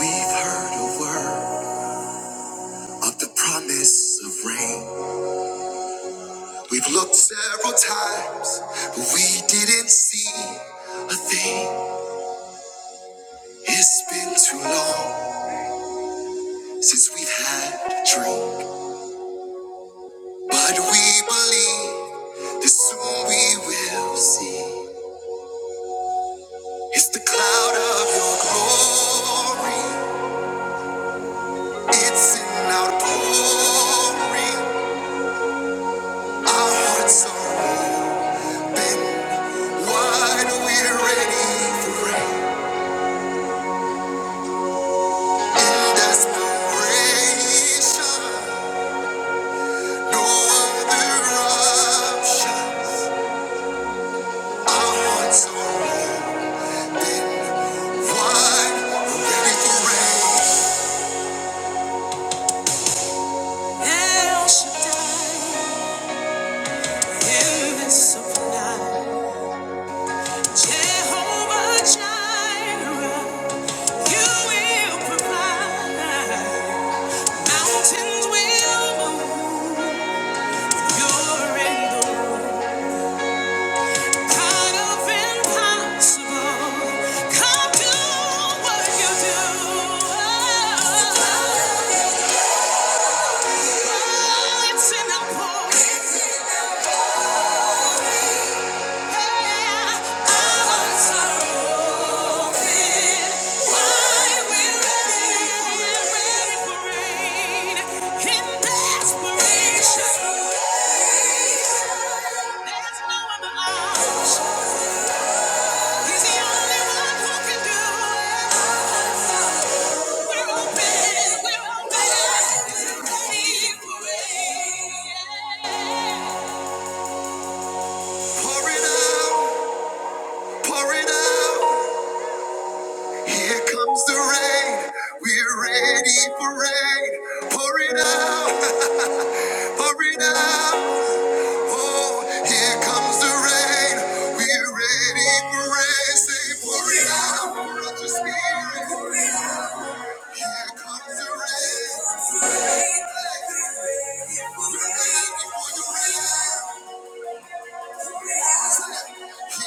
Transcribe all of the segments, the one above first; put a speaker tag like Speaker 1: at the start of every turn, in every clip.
Speaker 1: We've heard a word of the promise of rain. We've looked several times, but we didn't see a thing. It's been too long since we've had a drink, but we believe that soon we will see. It's the cloud of your glory. It's an outpouring. Our hearts are open wide. We're ready for rain. Desperation, no other option. I want someone wide, ready for rain. El Shaddai, invincible, Jehovah Jireh, you will provide. Mountains will move, you're in the Kind of impossible. Come do what you do. Oh, it's in the Why we're ready, ready for rain in desperation. There's no other option. He's the only one who can do it. Pour it out, pour it out. Here comes the rain. We're ready for rain. Pour it out, pour it out. Oh, here comes the rain. We're ready for rain. Say, pour it out, pour out your spirit. Here comes the rain. We're ready for the rain. Just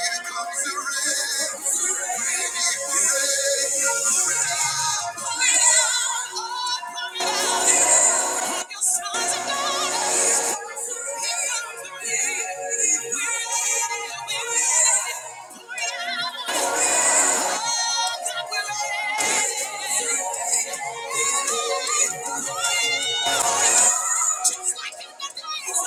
Speaker 1: like in the day. Thank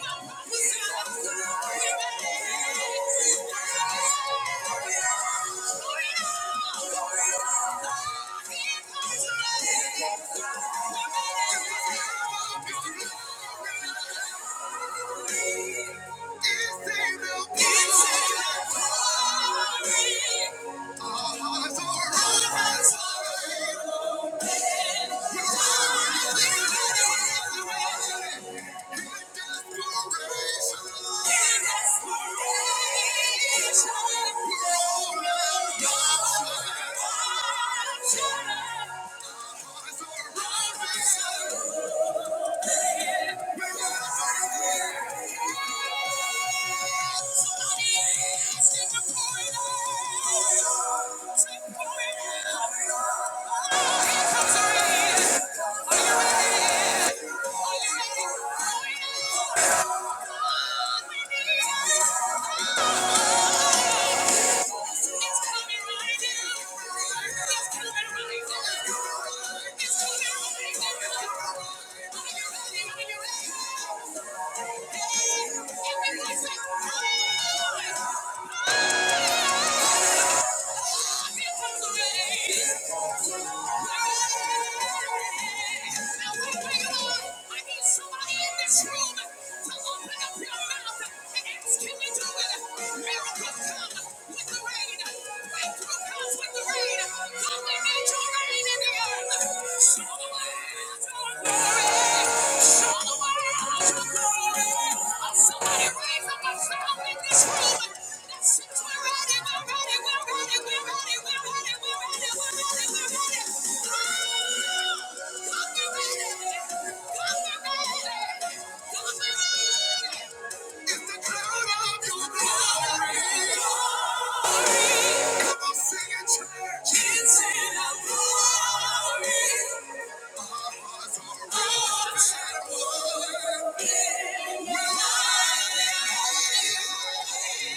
Speaker 1: you. It's in the glory are we're all Inspiration. Oh, it's coming right now. Somebody raise up a sound in this room that sits where it is. We're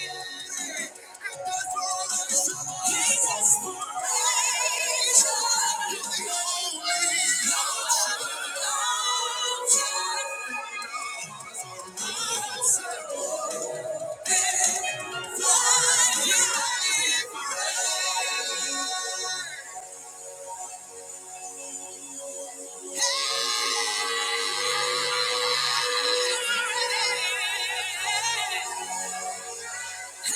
Speaker 1: Yeah. Hey! There's a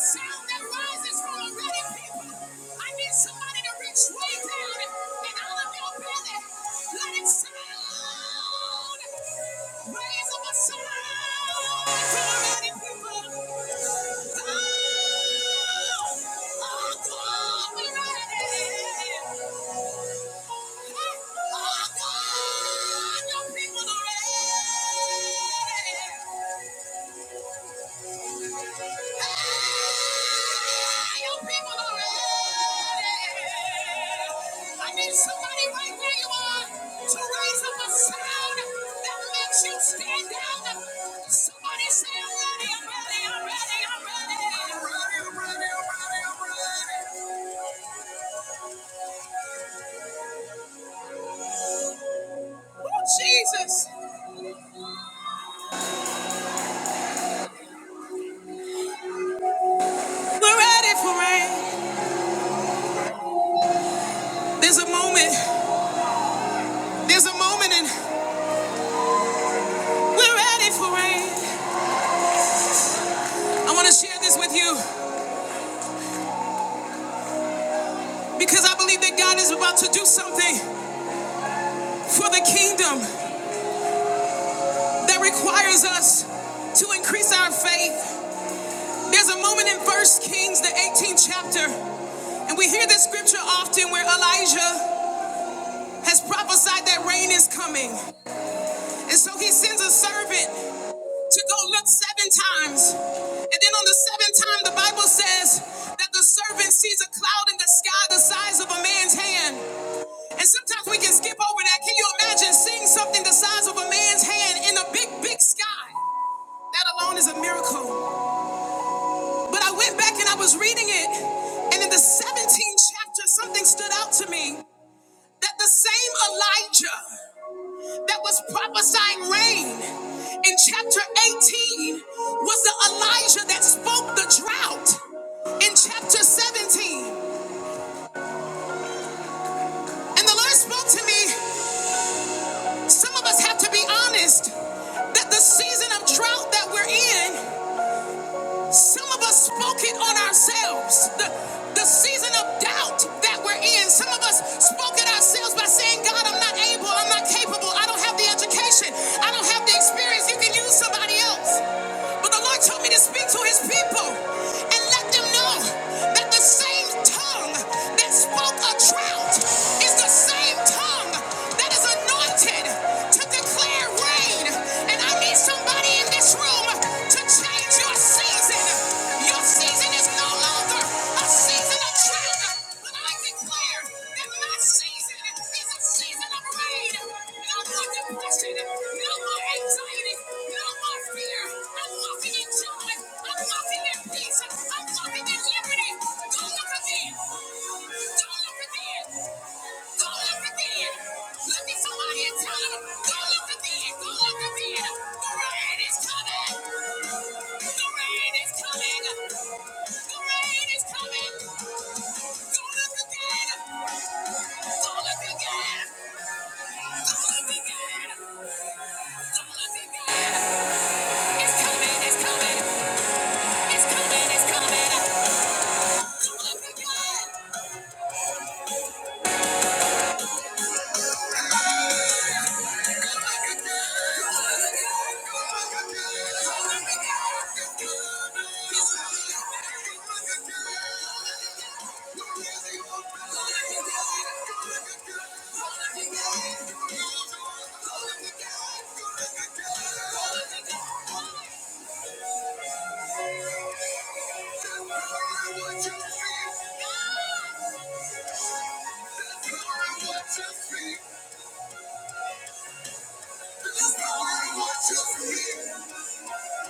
Speaker 1: sound that rises from a ready people. I need somebody to reach way down and out of your belly. Let it sound. Raise up a sound for a ready people. Oh, oh, God, we're ready. Somebody right where you are to raise up a sound that makes you stand out. Somebody say, I'm ready, I'm ready, I'm ready, I'm ready. I'm ready, I'm ready, I'm ready, I'm ready. Oh, Jesus. We're ready for rain. There's a moment. There's a moment. in We're ready for rain. I want to share this with you because I believe that God is about to do something for the kingdom that requires us to increase our faith. There's a moment in First Kings, the 18th chapter, and we hear this scripture often where Elijah has prophesied that rain is coming. And so he sends a servant to go look seven times. And then on the seventh time, the Bible says that the servant sees a cloud in the sky the size of a man's hand. And sometimes we can skip over that. Can you imagine seeing something the size of a man's hand in a big, big sky? That alone is a miracle. But I went back and I was reading it, and in the 17th chapter, something stood out to me that the same Elijah that was prophesying rain in chapter 18 was the Elijah that spoke the drought in chapter 17. And the Lord spoke to me, some of us have to be honest that the season of drought that we're in Some of us spoke it on ourselves. The, the season of doubt that we're in, some of us spoke it ourselves by saying, God, I'm not able, I'm not capable, I don't have the education, I don't have the experience. You can use somebody else. But the Lord told me to speak to his people and let them know that the same tongue that spoke a drought is the same tongue that is anointed to declare rain. And I need somebody in this room to change your season. Your season is no longer a season of drought. But I declare that my season is a season of rain. No more depression. No more anxiety. No more fear. I'm walking in joy. I'm walking in peace. I'm walking in liberty. Don't look again. not look again. not look again. Look at somebody and tell them, Don't look again. not look again. The rain is coming. The rain is coming. The rain is coming. Don't look again. Don't look again. Don't look again. Don't look again. It's coming. It's coming. It's coming. It's coming. Don't look again. What you feel.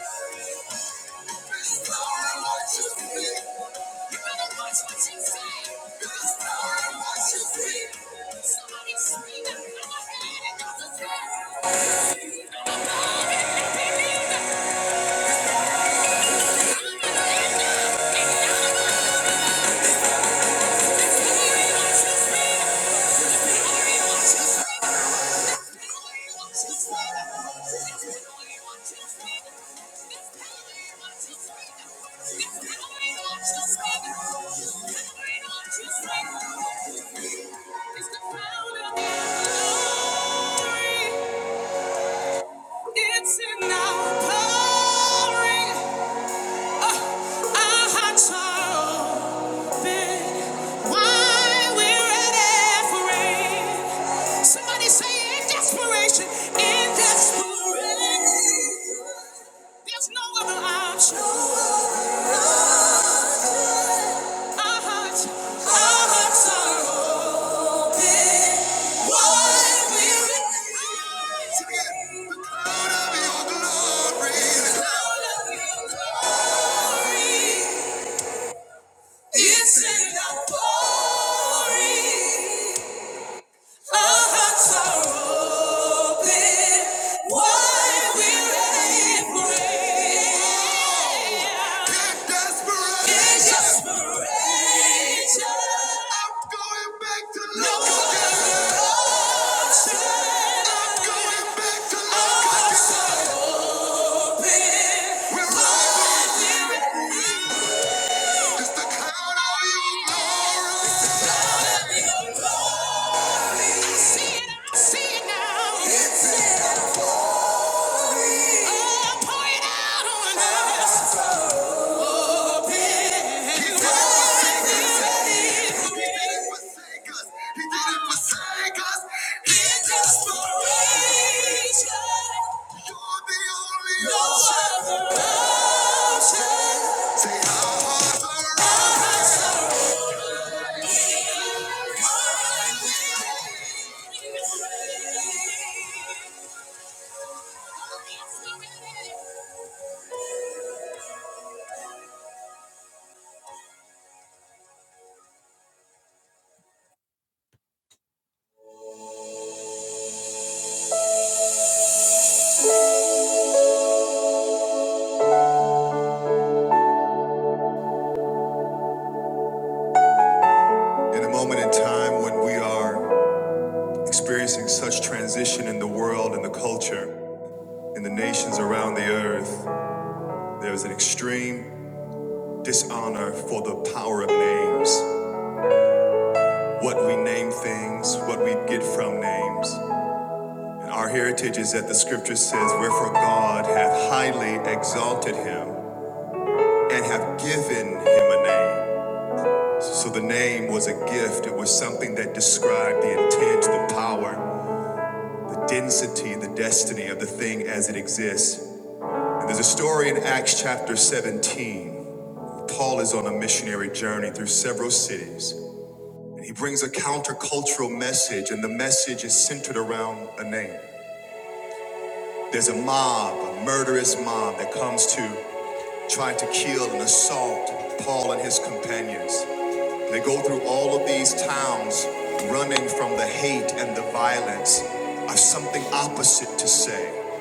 Speaker 1: Somebody scream It's in our glory, uh, our hearts are open. Why we're at Somebody say in desperation, in desperation. There's no other option. Our hearts. The cloud of your glory. The cloud your glory. It's in our glory. Our hearts are open. Why we're in I'm going back to love. Going back to love. Where love is the crown of your glory. See it now. See it now. Oh, pour it out on us. He didn't forsake us. He didn't forsake us. He just foraged us. You're the only no ocean. other. Say our hearts are rising. In a moment in time when we are experiencing such transition in the world and the culture, in the nations around the earth, there is an extreme dishonor for the power of names. What we name things, what we get from names. And our heritage is that the scripture says, Wherefore God hath highly exalted him and have given him a name. So the name was a gift. It was something that described the intent, the power, the density, the destiny of the thing as it exists. And there's a story in Acts chapter 17. where Paul is on a missionary journey through several cities, and he brings a countercultural message, and the message is centered around a name. There's a mob, a murderous mob that comes to tried to kill and assault Paul and his companions. They go through all of these towns running from the hate and the violence. I've something opposite to say.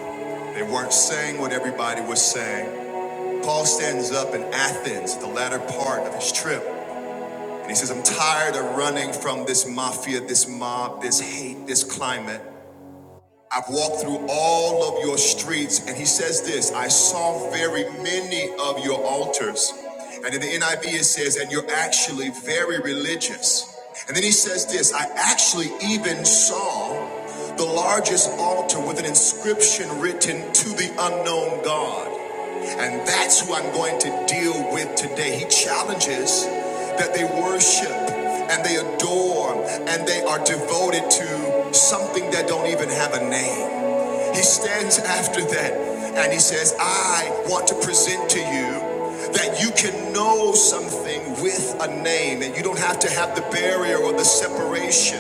Speaker 1: They weren't saying what everybody was saying. Paul stands up in Athens, the latter part of his trip, and he says, I'm tired of running from this mafia, this mob, this hate, this climate. I've walked through all of your streets. And he says this I saw very many of your altars. And in the NIV, it says, and you're actually very religious. And then he says this I actually even saw the largest altar with an inscription written to the unknown God. And that's who I'm going to deal with today. He challenges that they worship and they adore and they are devoted to something that don't even have a name. He stands after that and he says, I want to present to you that you can know something with a name and you don't have to have the barrier or the separation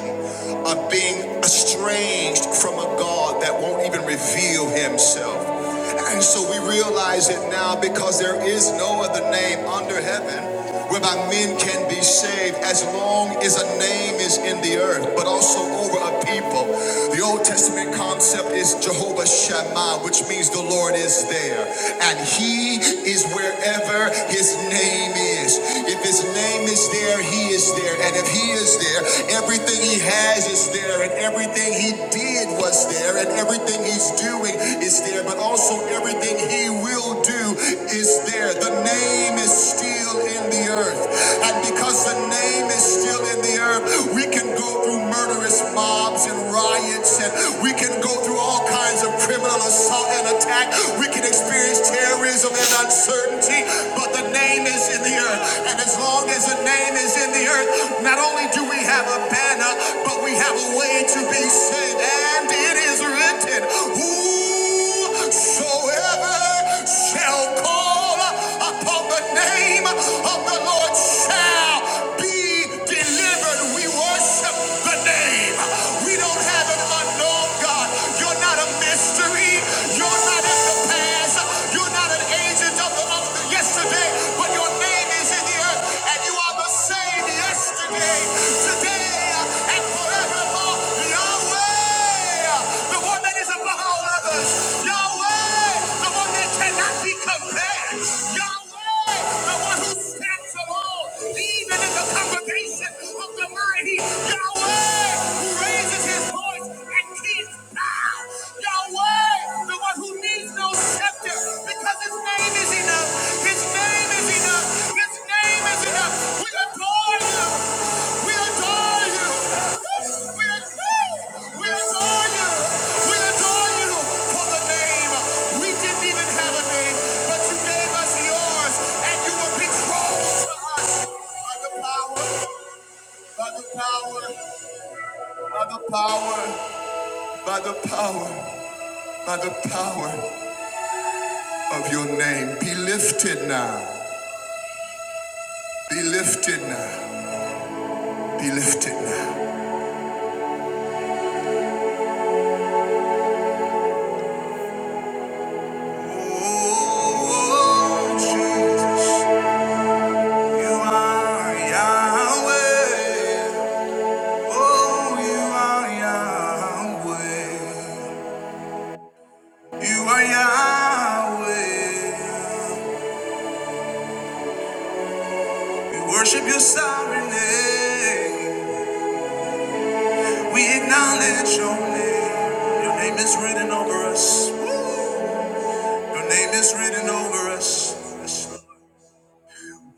Speaker 1: of being estranged from a God that won't even reveal himself. And so we realize it now because there is no other name under heaven whereby men can be saved as long as a name is in the earth, but also over a people. The Old Testament concept is Jehovah Shammah, which means the Lord is there. And He is wherever His name is. If His name is there, He is there. And if He is there, everything He has is there. And everything He did was there. And everything He's doing is there. But also everything He will do is there. The name is still in the earth. And because the name is still in the earth, we can go through through murderous mobs and riots, and we can go through all kinds of criminal assault and attack. We can experience terrorism and uncertainty, but the name is in the earth. And as long as the name is in the earth, not only do we have a banner, but we have a way to be saved. And it is written, Whosoever shall call upon the name of the Lord. Lord shall be delivered. We worship the name. We don't have an unknown God. You're not a mystery. You're not in the past. You're not an agent of the of the yesterday, but your name is in the earth, and you are the same yesterday, today, and forevermore. Yahweh, the one that is above all others. Yahweh, the one it cannot be compared. Yahweh, the one who stands alone, even in the congregation of the mighty. Yahweh, who raises his voice and keeps down. Yahweh, the one who needs no scepter, because his name is enough. His name is enough. His name is enough. We adore you. We adore you. We adore you. We adore you. We didn't even have a name, but you gave us yours, and you were betrothed to us by the power, by the power, by the power, by the power, by the power of your name. Be lifted now. Be lifted now. Be lifted now. Oh, Jesus, you are Yahweh. Oh, you are Yahweh. You are Yahweh. We worship your sovereign name. We acknowledge your name. Your name is written over us. Your name is written over us.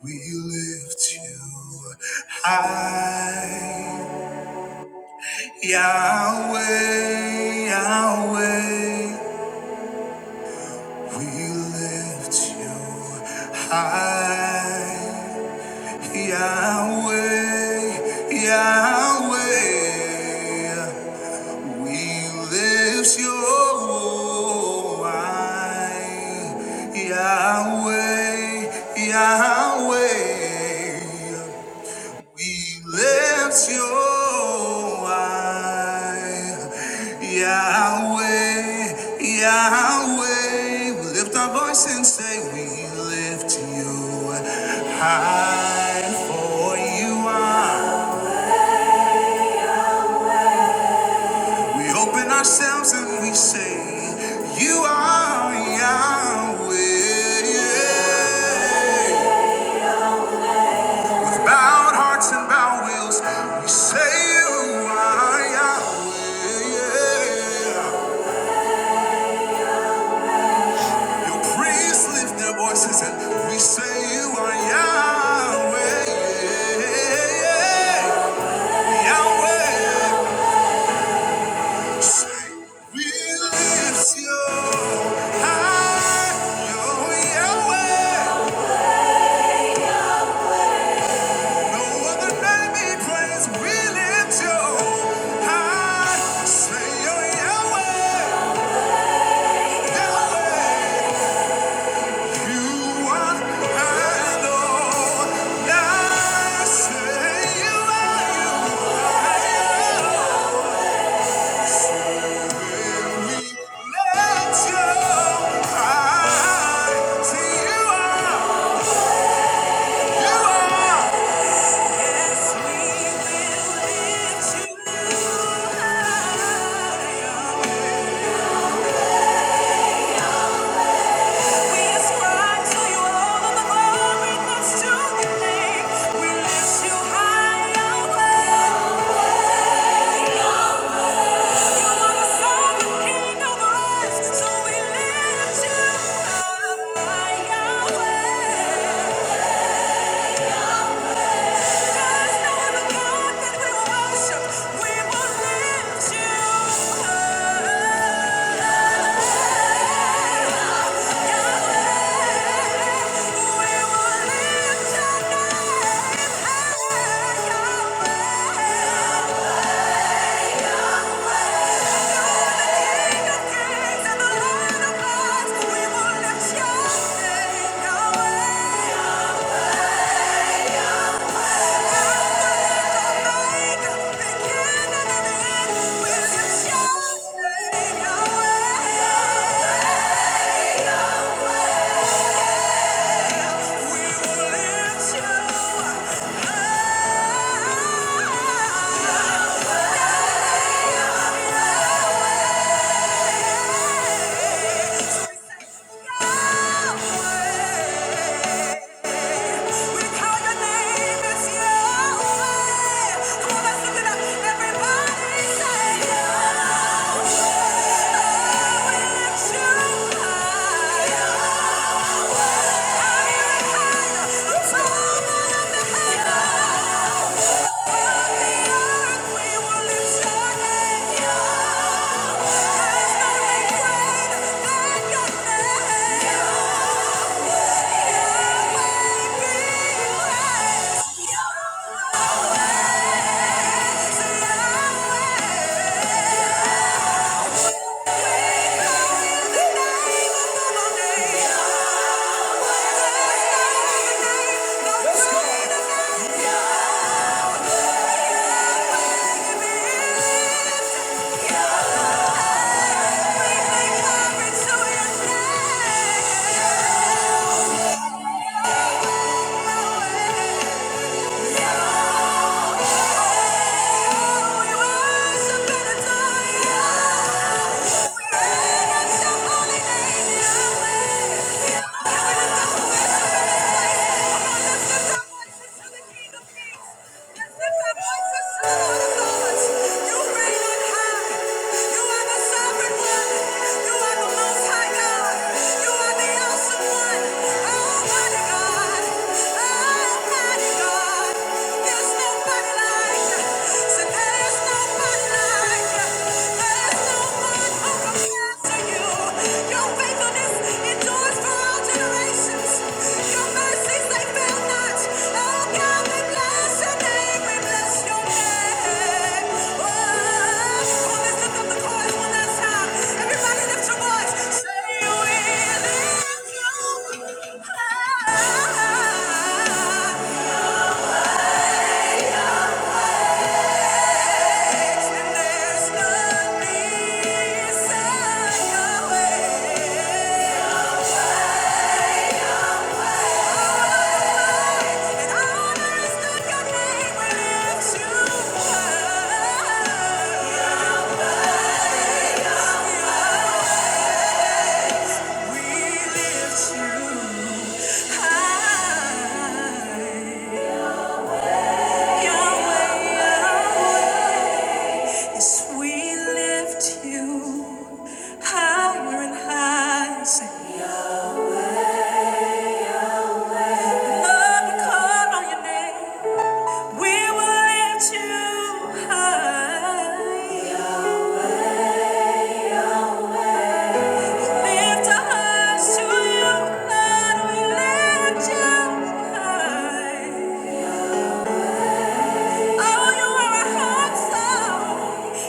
Speaker 1: We lift you high. Yahweh, Yahweh. We lift you high. Yahweh, Yahweh, we lift your eye. Yahweh, Yahweh, we lift your eye, Yahweh, Yahweh. We lift our voice and say, We lift you high, for you are. We open ourselves and we say, You are Yahweh. Yeah. Bowed hearts and bowed wills, we say you are Yahweh. yeah. Your priests lift their voices and we say you are Yahweh. yeah. Yahweh, say we lift you high. You're Yahweh, no other name we praise. We lift you. Yeah. Yeah. We call your name, it's Yahweh. Come on, let up. Everybody say, Yahweh. Lift Higher higher. higher. Above the earth, we your name. There's no name greater your name. Make glory to your name. There's nobody like you. There's nobody like no one, oh God. There's nothing inside your way. Yes, we lift you higher and higher. Say, Lord, we call on your name. We will lift you high. Oh,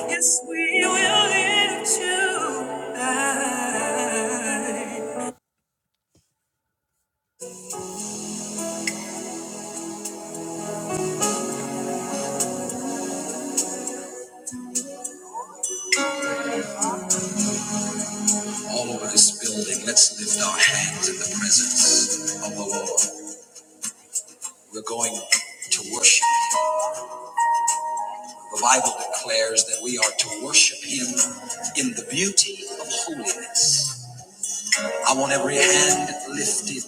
Speaker 1: Yes, All over this building, let's lift our hands in the presence of the Lord. We're going to worship. The Bible declares that we are to worship Him in the beauty of holiness. I want every hand lifted.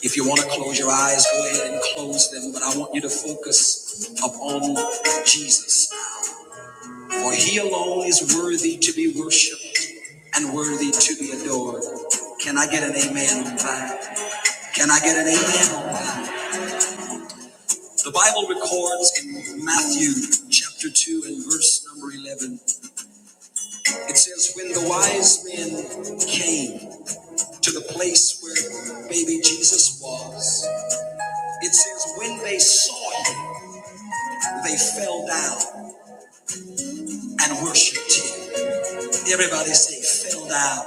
Speaker 1: If you want to close your eyes, go ahead and close them, but I want you to focus upon Jesus. For he alone is worthy to be worshiped and worthy to be adored. Can I get an amen on that? Can I get an amen on that? The Bible records in Matthew chapter 2 and verse number 11, it says, When the wise men came to the place where baby Jesus was, it says, When they saw him, They fell down and worshiped him. Everybody say, fell down.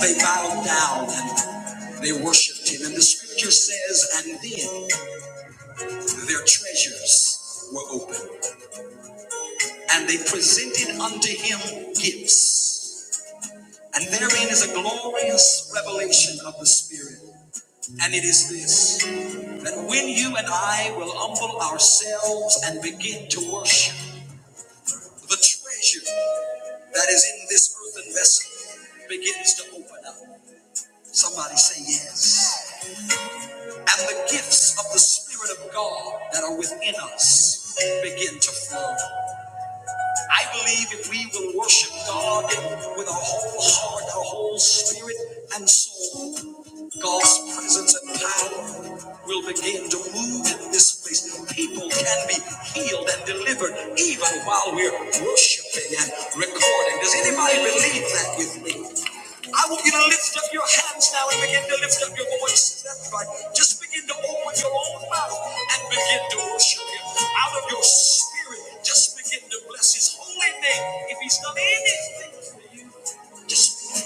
Speaker 1: They bowed down and they worshiped him. And the scripture says, and then their treasures were opened, and they presented unto him gifts. And therein is a glorious revelation of the Spirit. And it is this that when you and I will humble ourselves and begin to worship the treasure that is in this earthen vessel begins to open up. Somebody say yes. And the gifts of the Spirit of God that are within us begin to flow. I believe if we will worship God with our whole heart, our whole spirit, and soul, God's presence and power will begin to move in this place. People can be healed and delivered even while we're worshiping and recording. Does anybody believe that with me? I want you to lift up your hands now and begin to lift up your voices. That's right. Just begin to open your own mouth and begin to worship Him out of your spirit. Just. Just begin to bless his holy name. If he's done anything for you, just begin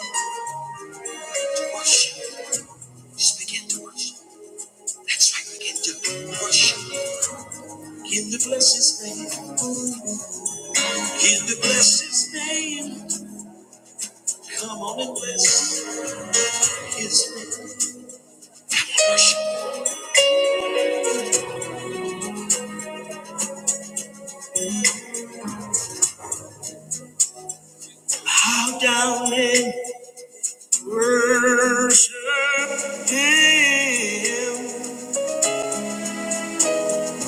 Speaker 1: to worship. Just begin to worship. That's right, begin to worship. Begin to bless his name. Begin to bless his name. Come on and bless his name. Come on, worship. Bow down and worship him.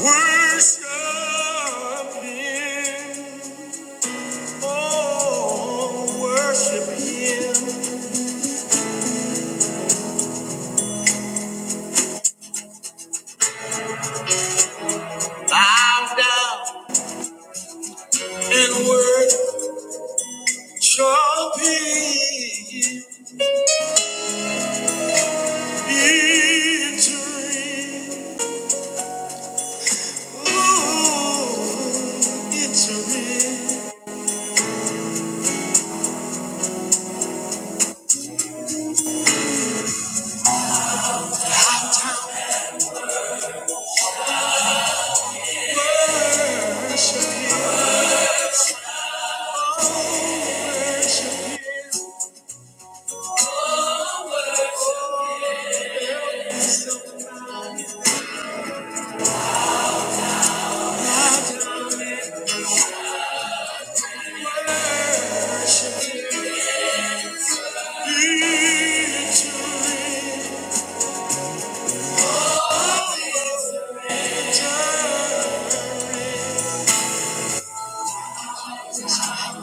Speaker 1: Worship him. Oh, worship Him. Bow down and worship Him. Victory. Ooh, victory.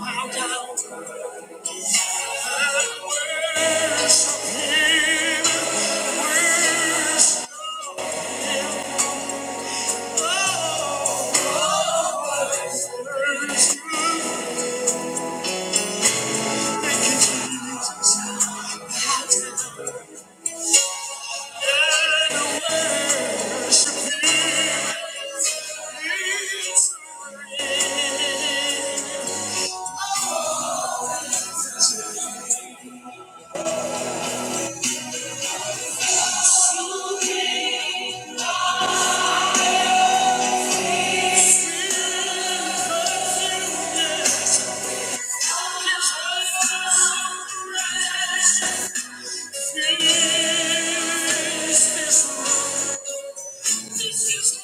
Speaker 1: Bow down and worship Him. Worship, oh, oh, worship Him.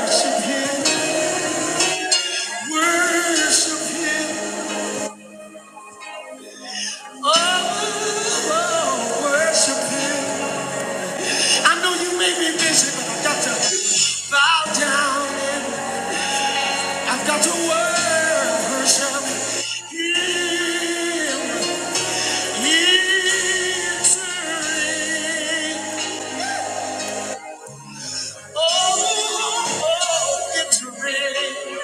Speaker 1: Worship him, worship him. I know you may be busy, I've got to bow down and I've got to worship Him. Victory. Oh, oh, oh, victory.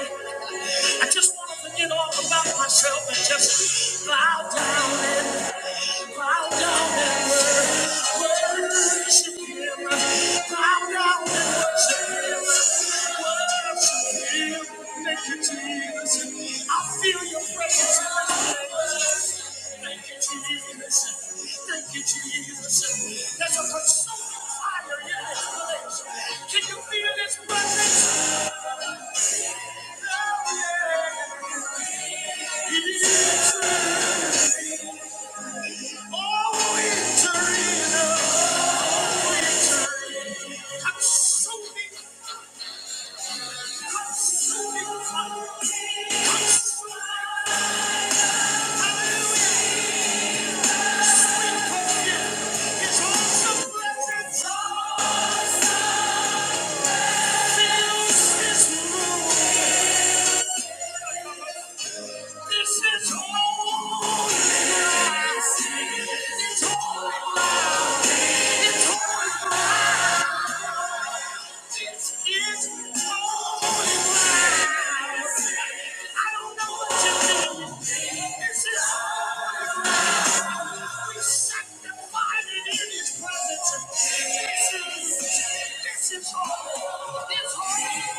Speaker 1: I just want to forget all about myself and just bow down and bow down and wor- worship Him. Bow down and worship Him. Worship Him. Thank you, Jesus. I feel Your presence in this place. Thank you, Jesus. Thank you, Jesus. There's a consuming fire in this place. Can you feel this presence? Oh, Yeah. Oh, victory, oh, victory. Consuming, consuming fire. I don't know what you do. This is we sanctified it in His presence. This is, this is all. This whole.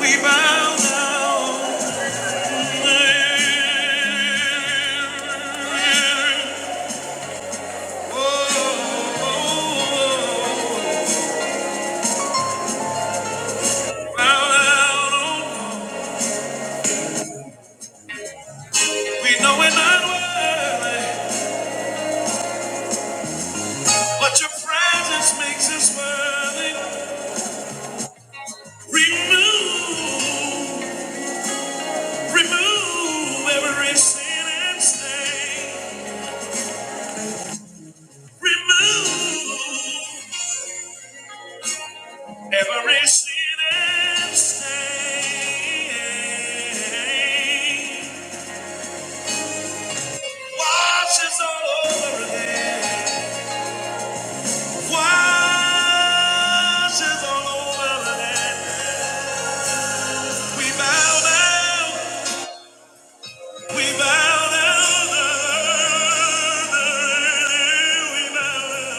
Speaker 1: We bow. Oh, oh, oh. oh. oh. We know we're not worthy, but your presence makes us worthy. Remove, remove every sin and stain. Remove every sin and stain. Wash us all over again. Wash us all over again. We bow down. We bow down down, down, We we bow bow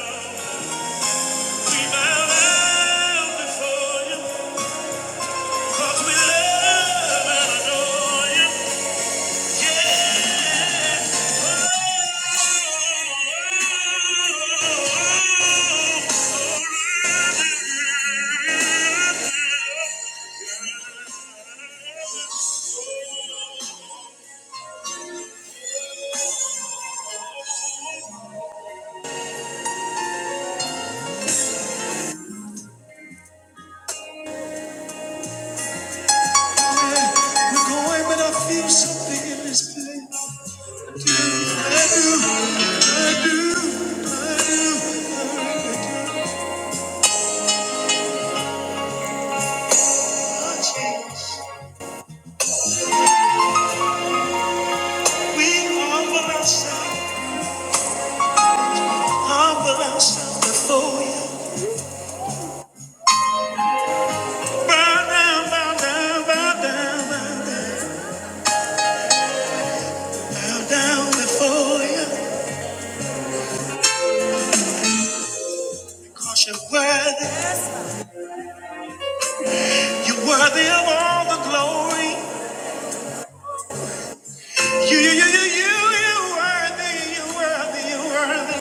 Speaker 1: before you, 'cause we love and adore you. Yeah. Oh, We humble ourselves, humble ourselves before you. Bow down, bow down, bow down, bow down, bow down before you. 'Cause you're worthy, you're worthy of all the glory. You, you, you, you, you, you worthy, you worthy, you worthy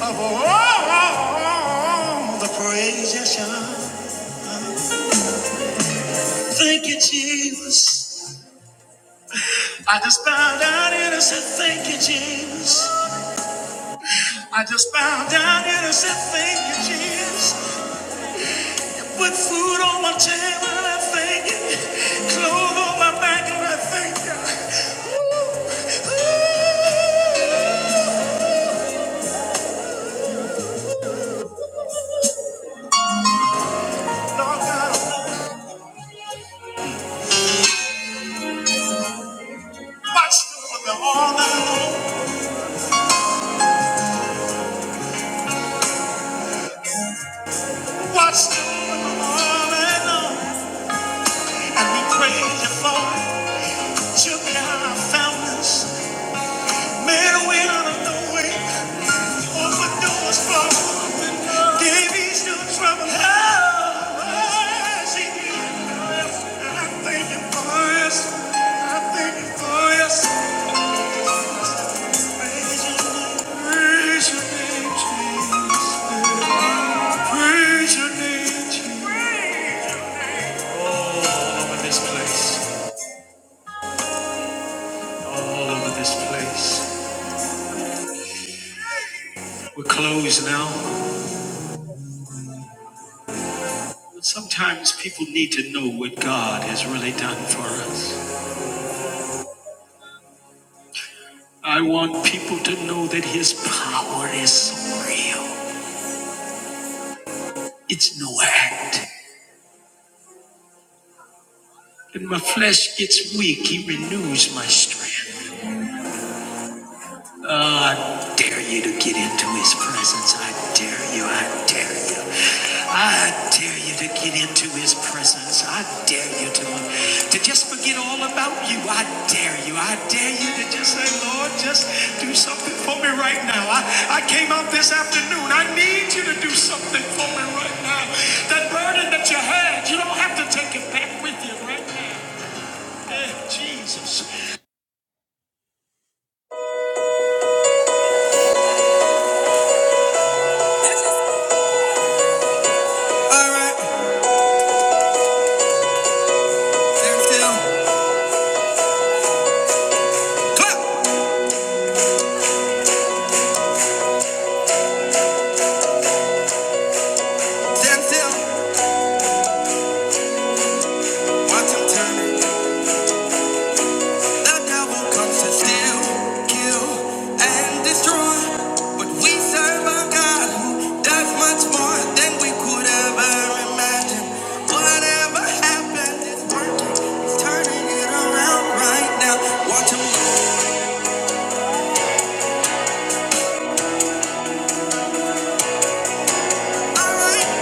Speaker 1: of all the praise yes, you shine. Thank you, Jesus. I just bow down here and said, Thank you, Jesus. I just bow down here and said, Thank you, Jesus. With food on my table, I thank you. Clothes on my back, and I thank you. Ooh, ooh, Lord God, watch over me all night long. Watched over all and on, and we prayed you for Took me out of foundness, made a way out of no way. We opened doors for open doors. gave ease to trouble. Oh, oh, yes, he did. I thank you for this. I thank you for this. Praise you, praise your name, Jesus. Praise your name, Jesus. All over this place, all over this place. We're closed now. Sometimes people need to know what God has really done for us. I want people to know that His power is so real. It's no act. When my flesh gets weak, He renews my strength. Oh, I dare you to get into his presence. I dare you. I dare you. I dare you to get into his presence. I dare you to, to just forget all about you. I dare you. I dare you to just say, Lord, just do something for me right now. I, I came out this afternoon. I need you to do something for me right now. That burden that you had, you don't have to take it back with you right now. Eh, Jesus. All right, stand still. Clap. Stand still. Watch him turn. it. The devil comes to steal, kill, and destroy. But we serve a God who does much more than we could ever imagine. Whatever happened is working. He's turning it around right now. Watch him. All right.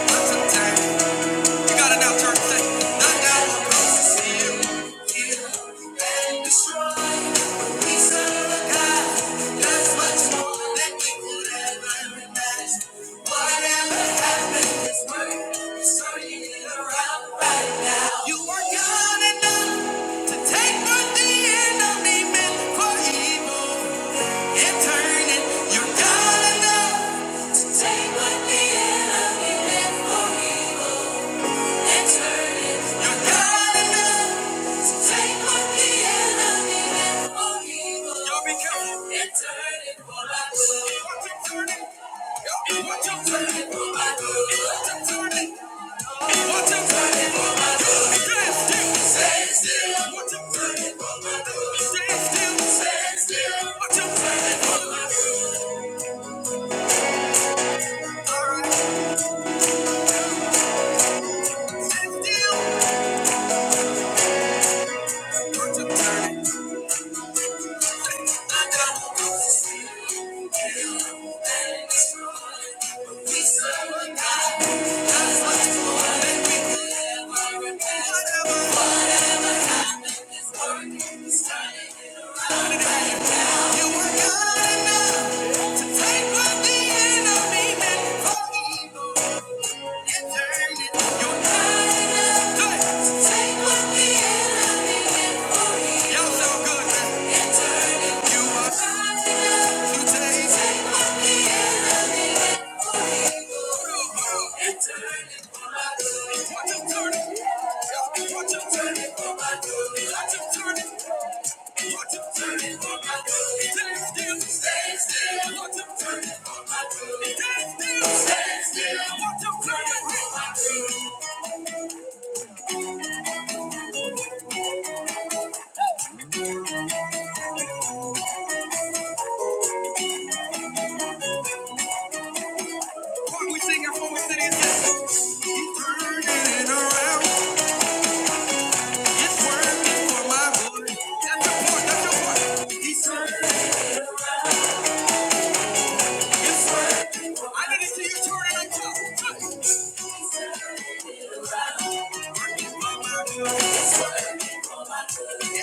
Speaker 1: Watch him turn. it. You got it now, church. Say, The devil comes to steal, kill, and destroy. We serve a God that's much more than we could ever imagine. Whatever happened, His word is turning it around right now. You were good enough to take what the enemy meant for evil and turn it. You're good enough to take what the enemy meant for evil and turn it. You're good enough. Take what the enemy meant for evil. Y'all be careful. And turn it for my good. Watch him turn it. Y'all, watch him turn it for my good. Watch him turn it. Watch him turn it for my good. Stand still. Stand still. Watch him turn it for my good. Stand still. Stand still. Watch him turn it for my good. Stand still. Watch him turn it. Y'all so good. Sing it for me, city. It's working for my good. That's the point. That's the point. He's working. I need to see you turn it up.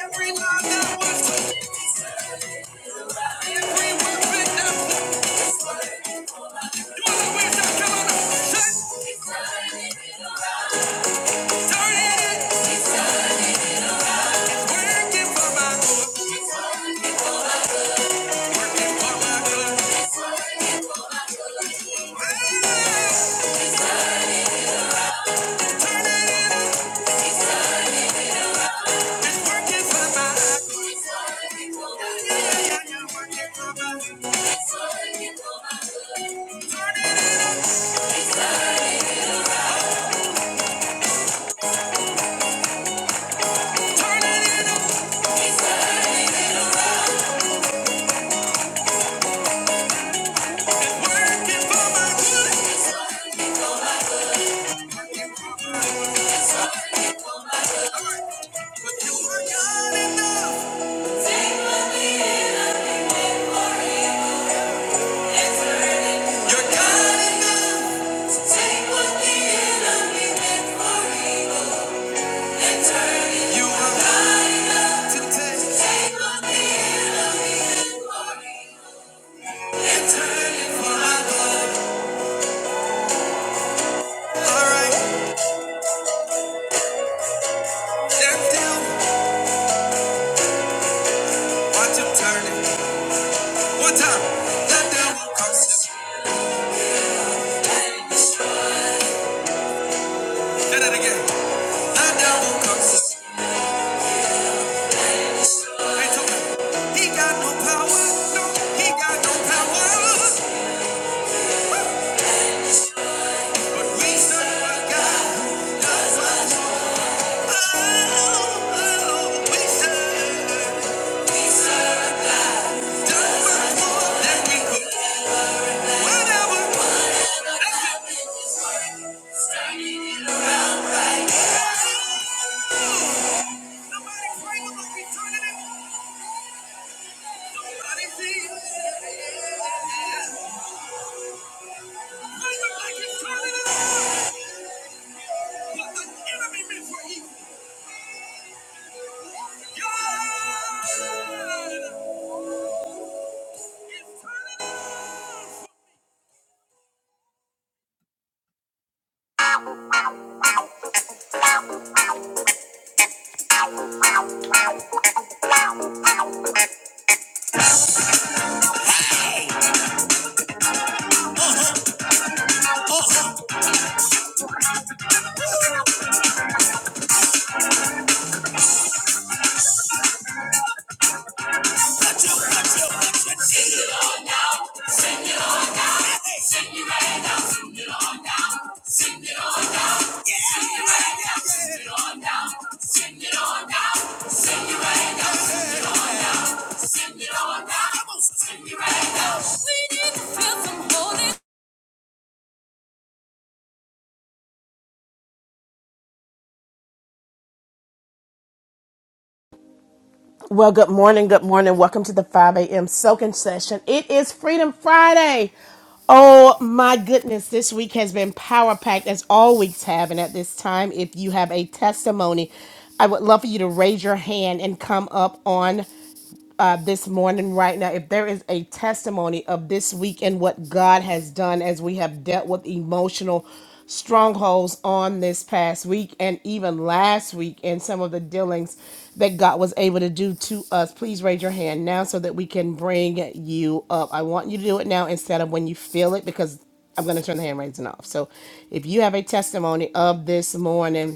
Speaker 1: Every line that was told, every word written down. Do it like we're done. Come on up. Shut. Turn it. Working for my good. Working for my good. Take what the enemy meant for evil and turn it. Whatever. Send it on down. We need to feel some holy.
Speaker 2: Well, good morning, good morning. Welcome to the 5 a.m. soaking session. It is Freedom Friday. Oh my goodness, this week has been power packed as all weeks have. And at this time, if you have a testimony, I would love for you to raise your hand and come up on uh, this morning, right now, if there is a testimony of this week and what God has done as we have dealt with emotional strongholds on this past week and even last week, and some of the dealings that God was able to do to us, please raise your hand now so that we can bring you up. I want you to do it now instead of when you feel it because I'm going to turn the hand raising off. So if you have a testimony of this morning,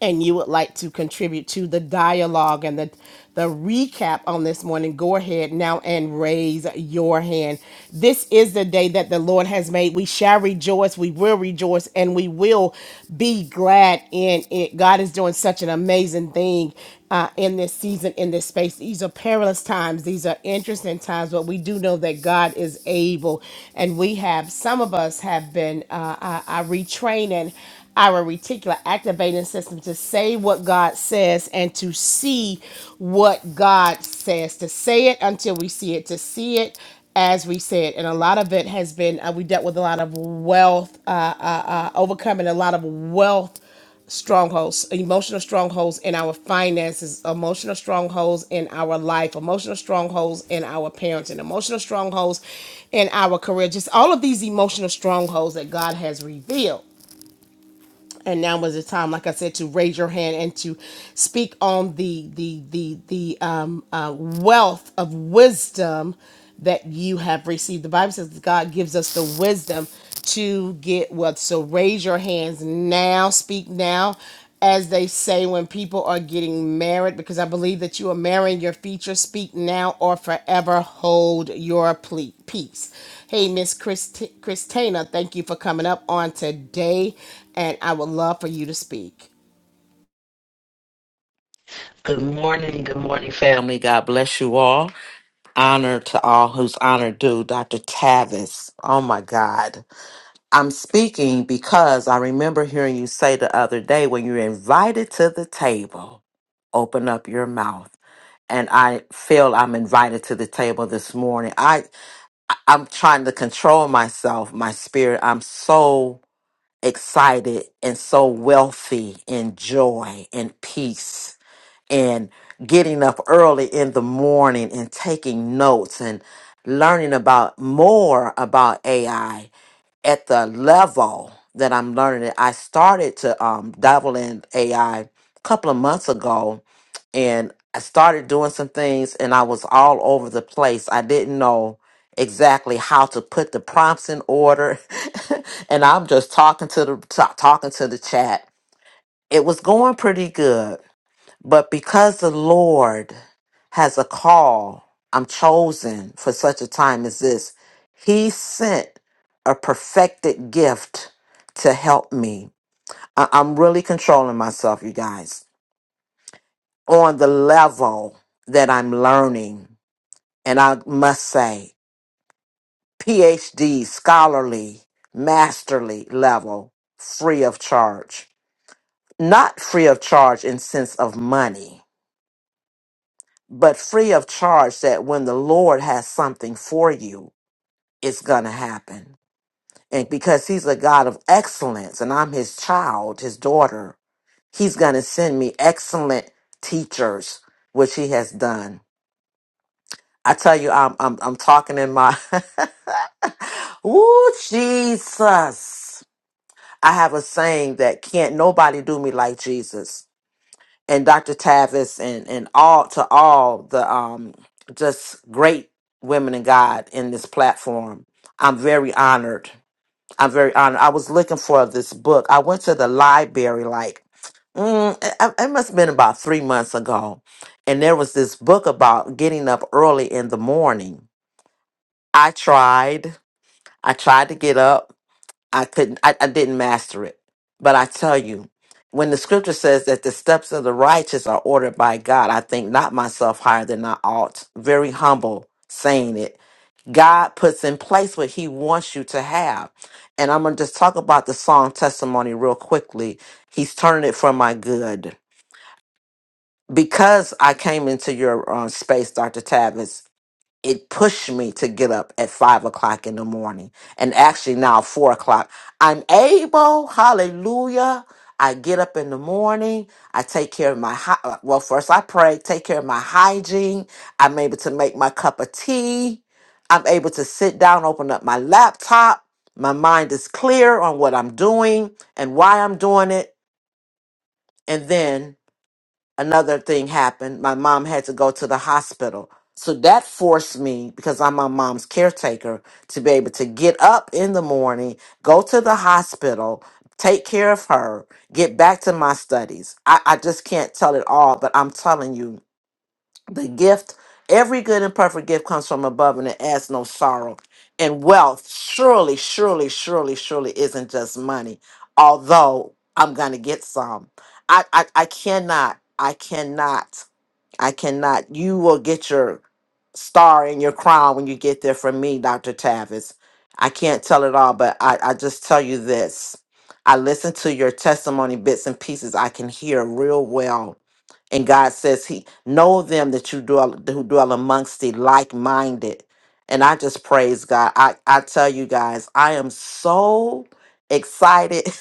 Speaker 2: and you would like to contribute to the dialogue and the the recap on this morning, go ahead now and raise your hand. This is the day that the Lord has made. We shall rejoice, we will rejoice, and we will be glad in it. God is doing such an amazing thing uh, in this season, in this space. These are perilous times, these are interesting times, but we do know that God is able. And we have, some of us have been uh, uh, uh, retraining our reticular activating system to say what God says and to see what God says, to say it until we see it, to see it as we say it. And a lot of it has been, uh, we dealt with a lot of wealth, uh, overcoming a lot of wealth strongholds, emotional strongholds in our finances, emotional strongholds in our life, emotional strongholds in our parenting, emotional strongholds in our career, just all of these emotional strongholds that God has revealed and now is the time like i said to raise your hand and to speak on the the the the um, uh, wealth of wisdom that you have received the bible says that god gives us the wisdom to get wealth so raise your hands now speak now as they say when people are getting married, because I believe that you are marrying your future. Speak now or forever hold your ple- peace. Hey, Miss Christi- Christina, thank you for coming up on today, and I would love for you to speak.
Speaker 3: Good morning, good morning, family. God bless you all. Honor to all whose honor due. Dr. Tavis, oh my God. I'm speaking because I remember hearing you say the other day when you're invited to the table, open up your mouth. And I feel I'm invited to the table this morning. I, I'm trying to control myself, my spirit. I'm so excited and so wealthy in joy and peace and getting up early in the morning and taking notes and learning about more about AI at the level that I'm learning it. I started to um, dabble in AI a couple of months ago and I started doing some things and I was all over the place. I didn't know exactly how to put the prompts in order and I'm just talking to the ta- talking to the chat. It was going pretty good but because the Lord has a call, I'm chosen for such a time as this. He sent a perfected gift to help me. I- I'm really controlling myself, you guys, on the level that I'm learning. And I must say, PhD, scholarly, masterly level, free of charge. Not free of charge in sense of money but free of charge that when the Lord has something for you, it's going to happen. And because he's a God of excellence and I'm his child, his daughter, he's going to send me excellent teachers, which he has done. I tell you, I'm, I'm, I'm talking in my, Ooh, Jesus. I have a saying that can't nobody do me like Jesus. and Dr. Tavis and and all to all the um just great women in God in this platform. I'm very honored. I'm very honored. I was looking for this book. I went to the library like mm, it it must have been about three months ago, and there was this book about getting up early in the morning. I tried. I tried to get up. I couldn't, I, I didn't master it. But I tell you, when the scripture says that the steps of the righteous are ordered by God, I think not myself higher than I ought. Very humble saying it. God puts in place what he wants you to have. And I'm going to just talk about the song testimony real quickly. He's turning it for my good. Because I came into your um, space, Dr. Tavis, it pushed me to get up at five o'clock in the morning and actually now four o'clock i'm able hallelujah i get up in the morning i take care of my hy- uh, well first i pray take care of my hygiene i'm able to make my cup of tea i'm able to sit down open up my laptop my mind is clear on what i'm doing and why i'm doing it and then another thing happened. My mom had to go to the hospital. So that forced me, because I'm my mom's caretaker, to be able to get up in the morning, go to the hospital, take care of her, get back to my studies. I, I just can't tell it all, but I'm telling you, the gift, every good and perfect gift comes from above and it adds no sorrow. And wealth surely, surely, surely, surely isn't just money, although I'm going to get some. I, I, I cannot, I cannot, I cannot. You will get your star and your crown when you get there from me, Dr. Tavis. I can't tell it all, but I, I just tell you this. I listen to your testimony bits and pieces. I can hear real well and God says, He know them that you dwell who dwell amongst the like minded. And I just praise God. I, I tell you guys, I am so excited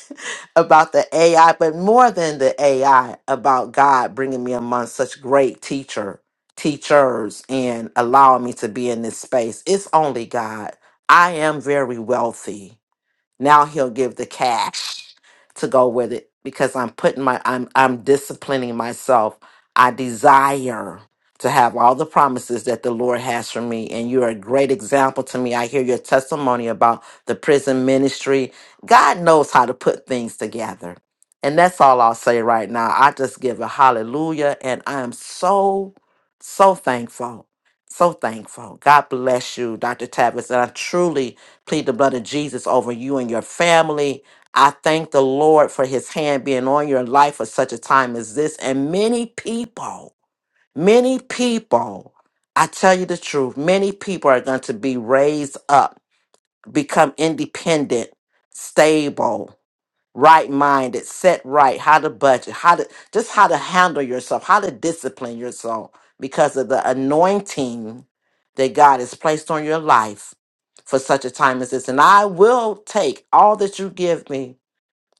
Speaker 3: about the AI, but more than the AI, about God bringing me among such great teacher teachers and allowing me to be in this space. It's only God. I am very wealthy. Now he'll give the cash to go with it because I'm putting my I'm I'm disciplining myself. I desire to have all the promises that the Lord has for me and you're a great example to me. I hear your testimony about the prison ministry. God knows how to put things together. And that's all I'll say right now. I just give a hallelujah and I am so so thankful. So thankful. God bless you, Dr. Tavis. And I truly plead the blood of Jesus over you and your family. I thank the Lord for his hand being on your life for such a time as this. And many people, many people, I tell you the truth, many people are going to be raised up, become independent, stable right minded, set right, how to budget, how to just how to handle yourself, how to discipline yourself because of the anointing that God has placed on your life for such a time as this. And I will take all that you give me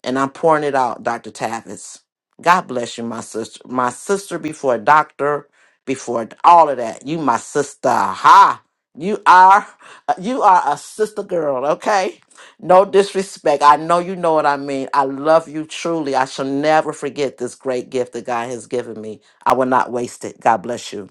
Speaker 3: and I'm pouring it out, Dr. Tavis. God bless you, my sister. My sister before a doctor, before all of that. You my sister. Ha. You are you are a sister girl, okay? No disrespect. I know you know what I mean. I love you truly. I shall never forget this great gift that God has given me. I will not waste it. God bless you.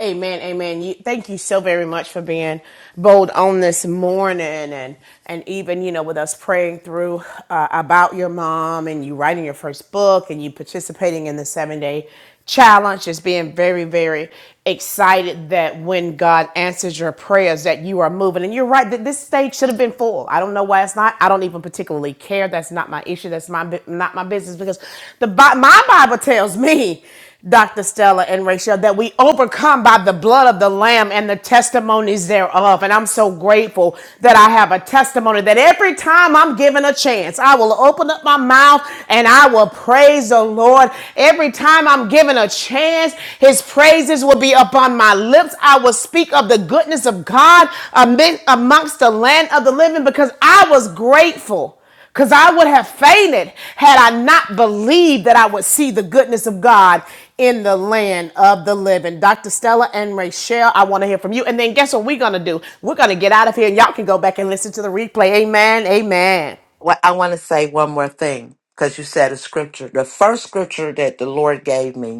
Speaker 2: Amen, amen. You, thank you so very much for being bold on this morning, and and even you know with us praying through uh, about your mom, and you writing your first book, and you participating in the seven day challenge. Just being very, very excited that when God answers your prayers, that you are moving. And you're right that this stage should have been full. I don't know why it's not. I don't even particularly care. That's not my issue. That's my bu- not my business because the Bi- my Bible tells me. Dr. Stella and Rachel, that we overcome by the blood of the Lamb and the testimonies thereof. And I'm so grateful that I have a testimony that every time I'm given a chance, I will open up my mouth and I will praise the Lord. Every time I'm given a chance, his praises will be upon my lips. I will speak of the goodness of God amidst amongst the land of the living because I was grateful because I would have fainted had I not believed that I would see the goodness of God in the land of the living. Dr. Stella and Rachelle, I want to hear from you. And then guess what we're going to do? We're going to get out of here and y'all can go back and listen to the replay. Amen. Amen.
Speaker 3: Well, I want to say one more thing because you said a scripture. The first scripture that the Lord gave me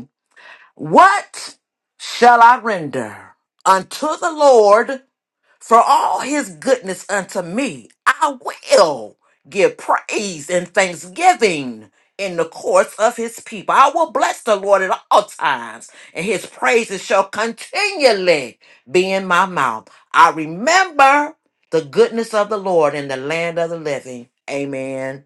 Speaker 3: What shall I render unto the Lord for all his goodness unto me? I will give praise and thanksgiving in the courts of his people. I will bless the Lord at all times, and his praises shall continually be in my mouth. I remember the goodness of the Lord in the land of the living. Amen.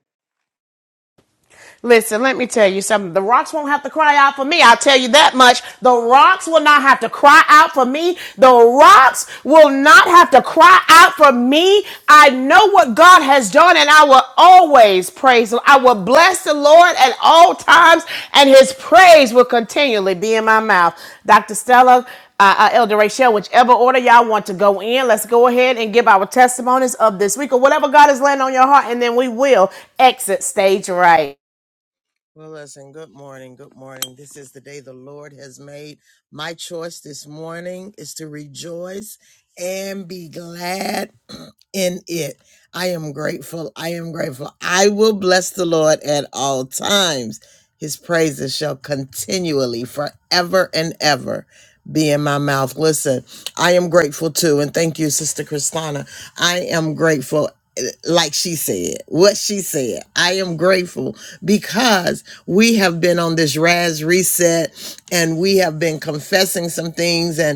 Speaker 2: Listen, let me tell you something. The rocks won't have to cry out for me. I'll tell you that much. The rocks will not have to cry out for me. The rocks will not have to cry out for me. I know what God has done and I will always praise him. I will bless the Lord at all times and his praise will continually be in my mouth. Dr. Stella, uh, uh, Elder Rachel, whichever order y'all want to go in, let's go ahead and give our testimonies of this week or whatever God has laying on your heart, and then we will exit stage right.
Speaker 1: has made. My choice this morning is to rejoice and be glad in it. I am grateful. I am grateful. I will bless the Lord at all times. His praises shall continually, forever and ever, be in my mouth. Listen, I am grateful too. And thank you, Sister Christina. I am grateful, eh, like she said, what she said. I am grateful because we have been on this Raz reset and we confessing some things and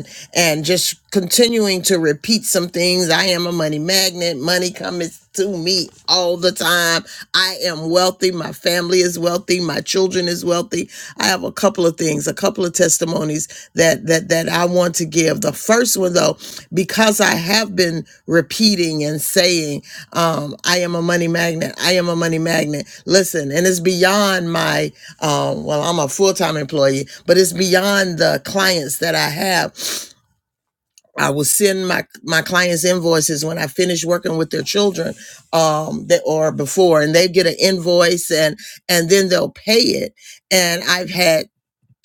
Speaker 1: just continuing to remember my money to me all the time. I'm wealthy. My family is wealthy. My children is wealthy. A couple of things, a couple of tests that, that I want to give. The first one, the, because I've been repeating and saying, um, I am a money magnet. I am a money magnet is when I finish working with their children that or before and they get it and then they'll pay it. And I've had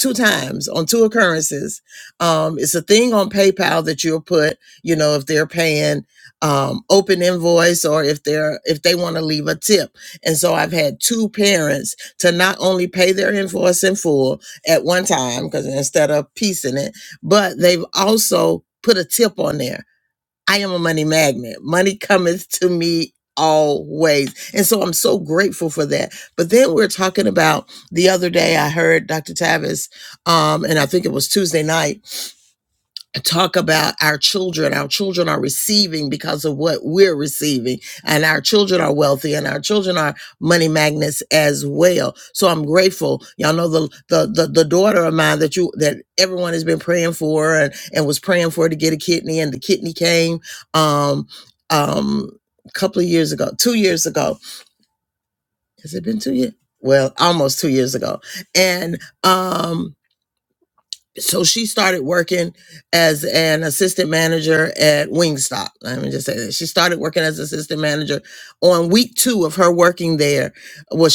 Speaker 1: two times on two occurrences. Um, it's a thing on PayPal that you'll put, you know, if they're paying um, open invoice. I am then we're receiving what and our wealthy and our chance. So the the- so she started work out.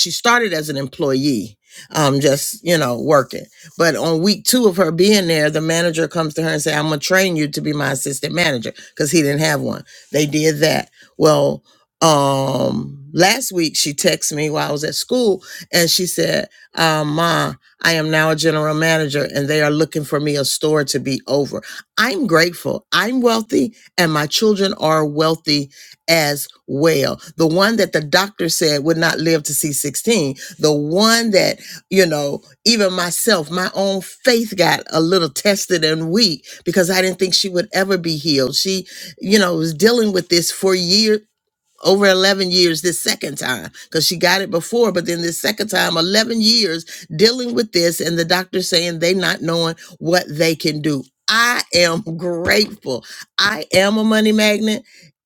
Speaker 1: She started, you know, work train you to be my assistant manager because he didn't have one. They did that. Um, school And she said, uh, Ma, I am now a general manager and they are looking for me a store to be over. I'm grateful. I'm wealthy and my children are wealthy as well. The one that the doctor said would not live to see 16, the one that, you know, even myself, my own faith got a little tested and weak because I didn't think she would ever be healed. She, you know, was dealing with this for years over 11 years this second time because she got it before but then this second time 11 years dealing with this and the doctor saying they not knowing what they can do i am grateful i am a money magnet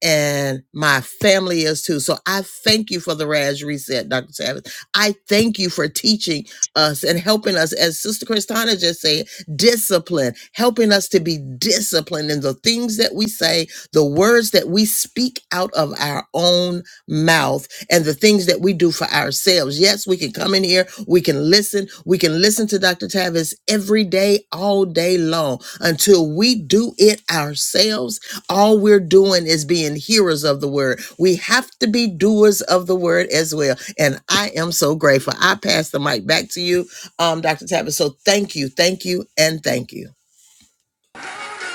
Speaker 1: and my family is too. So I thank you for the Raj Reset, Dr. Savage. I thank you for teaching us and helping us, as Sister Christina just said, discipline, helping us to be disciplined in the things that we say, the words that we speak out of our own mouth and the things that we do for ourselves. Yes, we can come in here, we can listen, we can listen to Dr. Tavis every day, all day long until we do it ourselves. All we're doing is being hearers of the word. We have to be doers of the word as well. And I am so grateful. I pass the mic back to you, um, Dr. Tavis. So thank you, thank you, and thank you.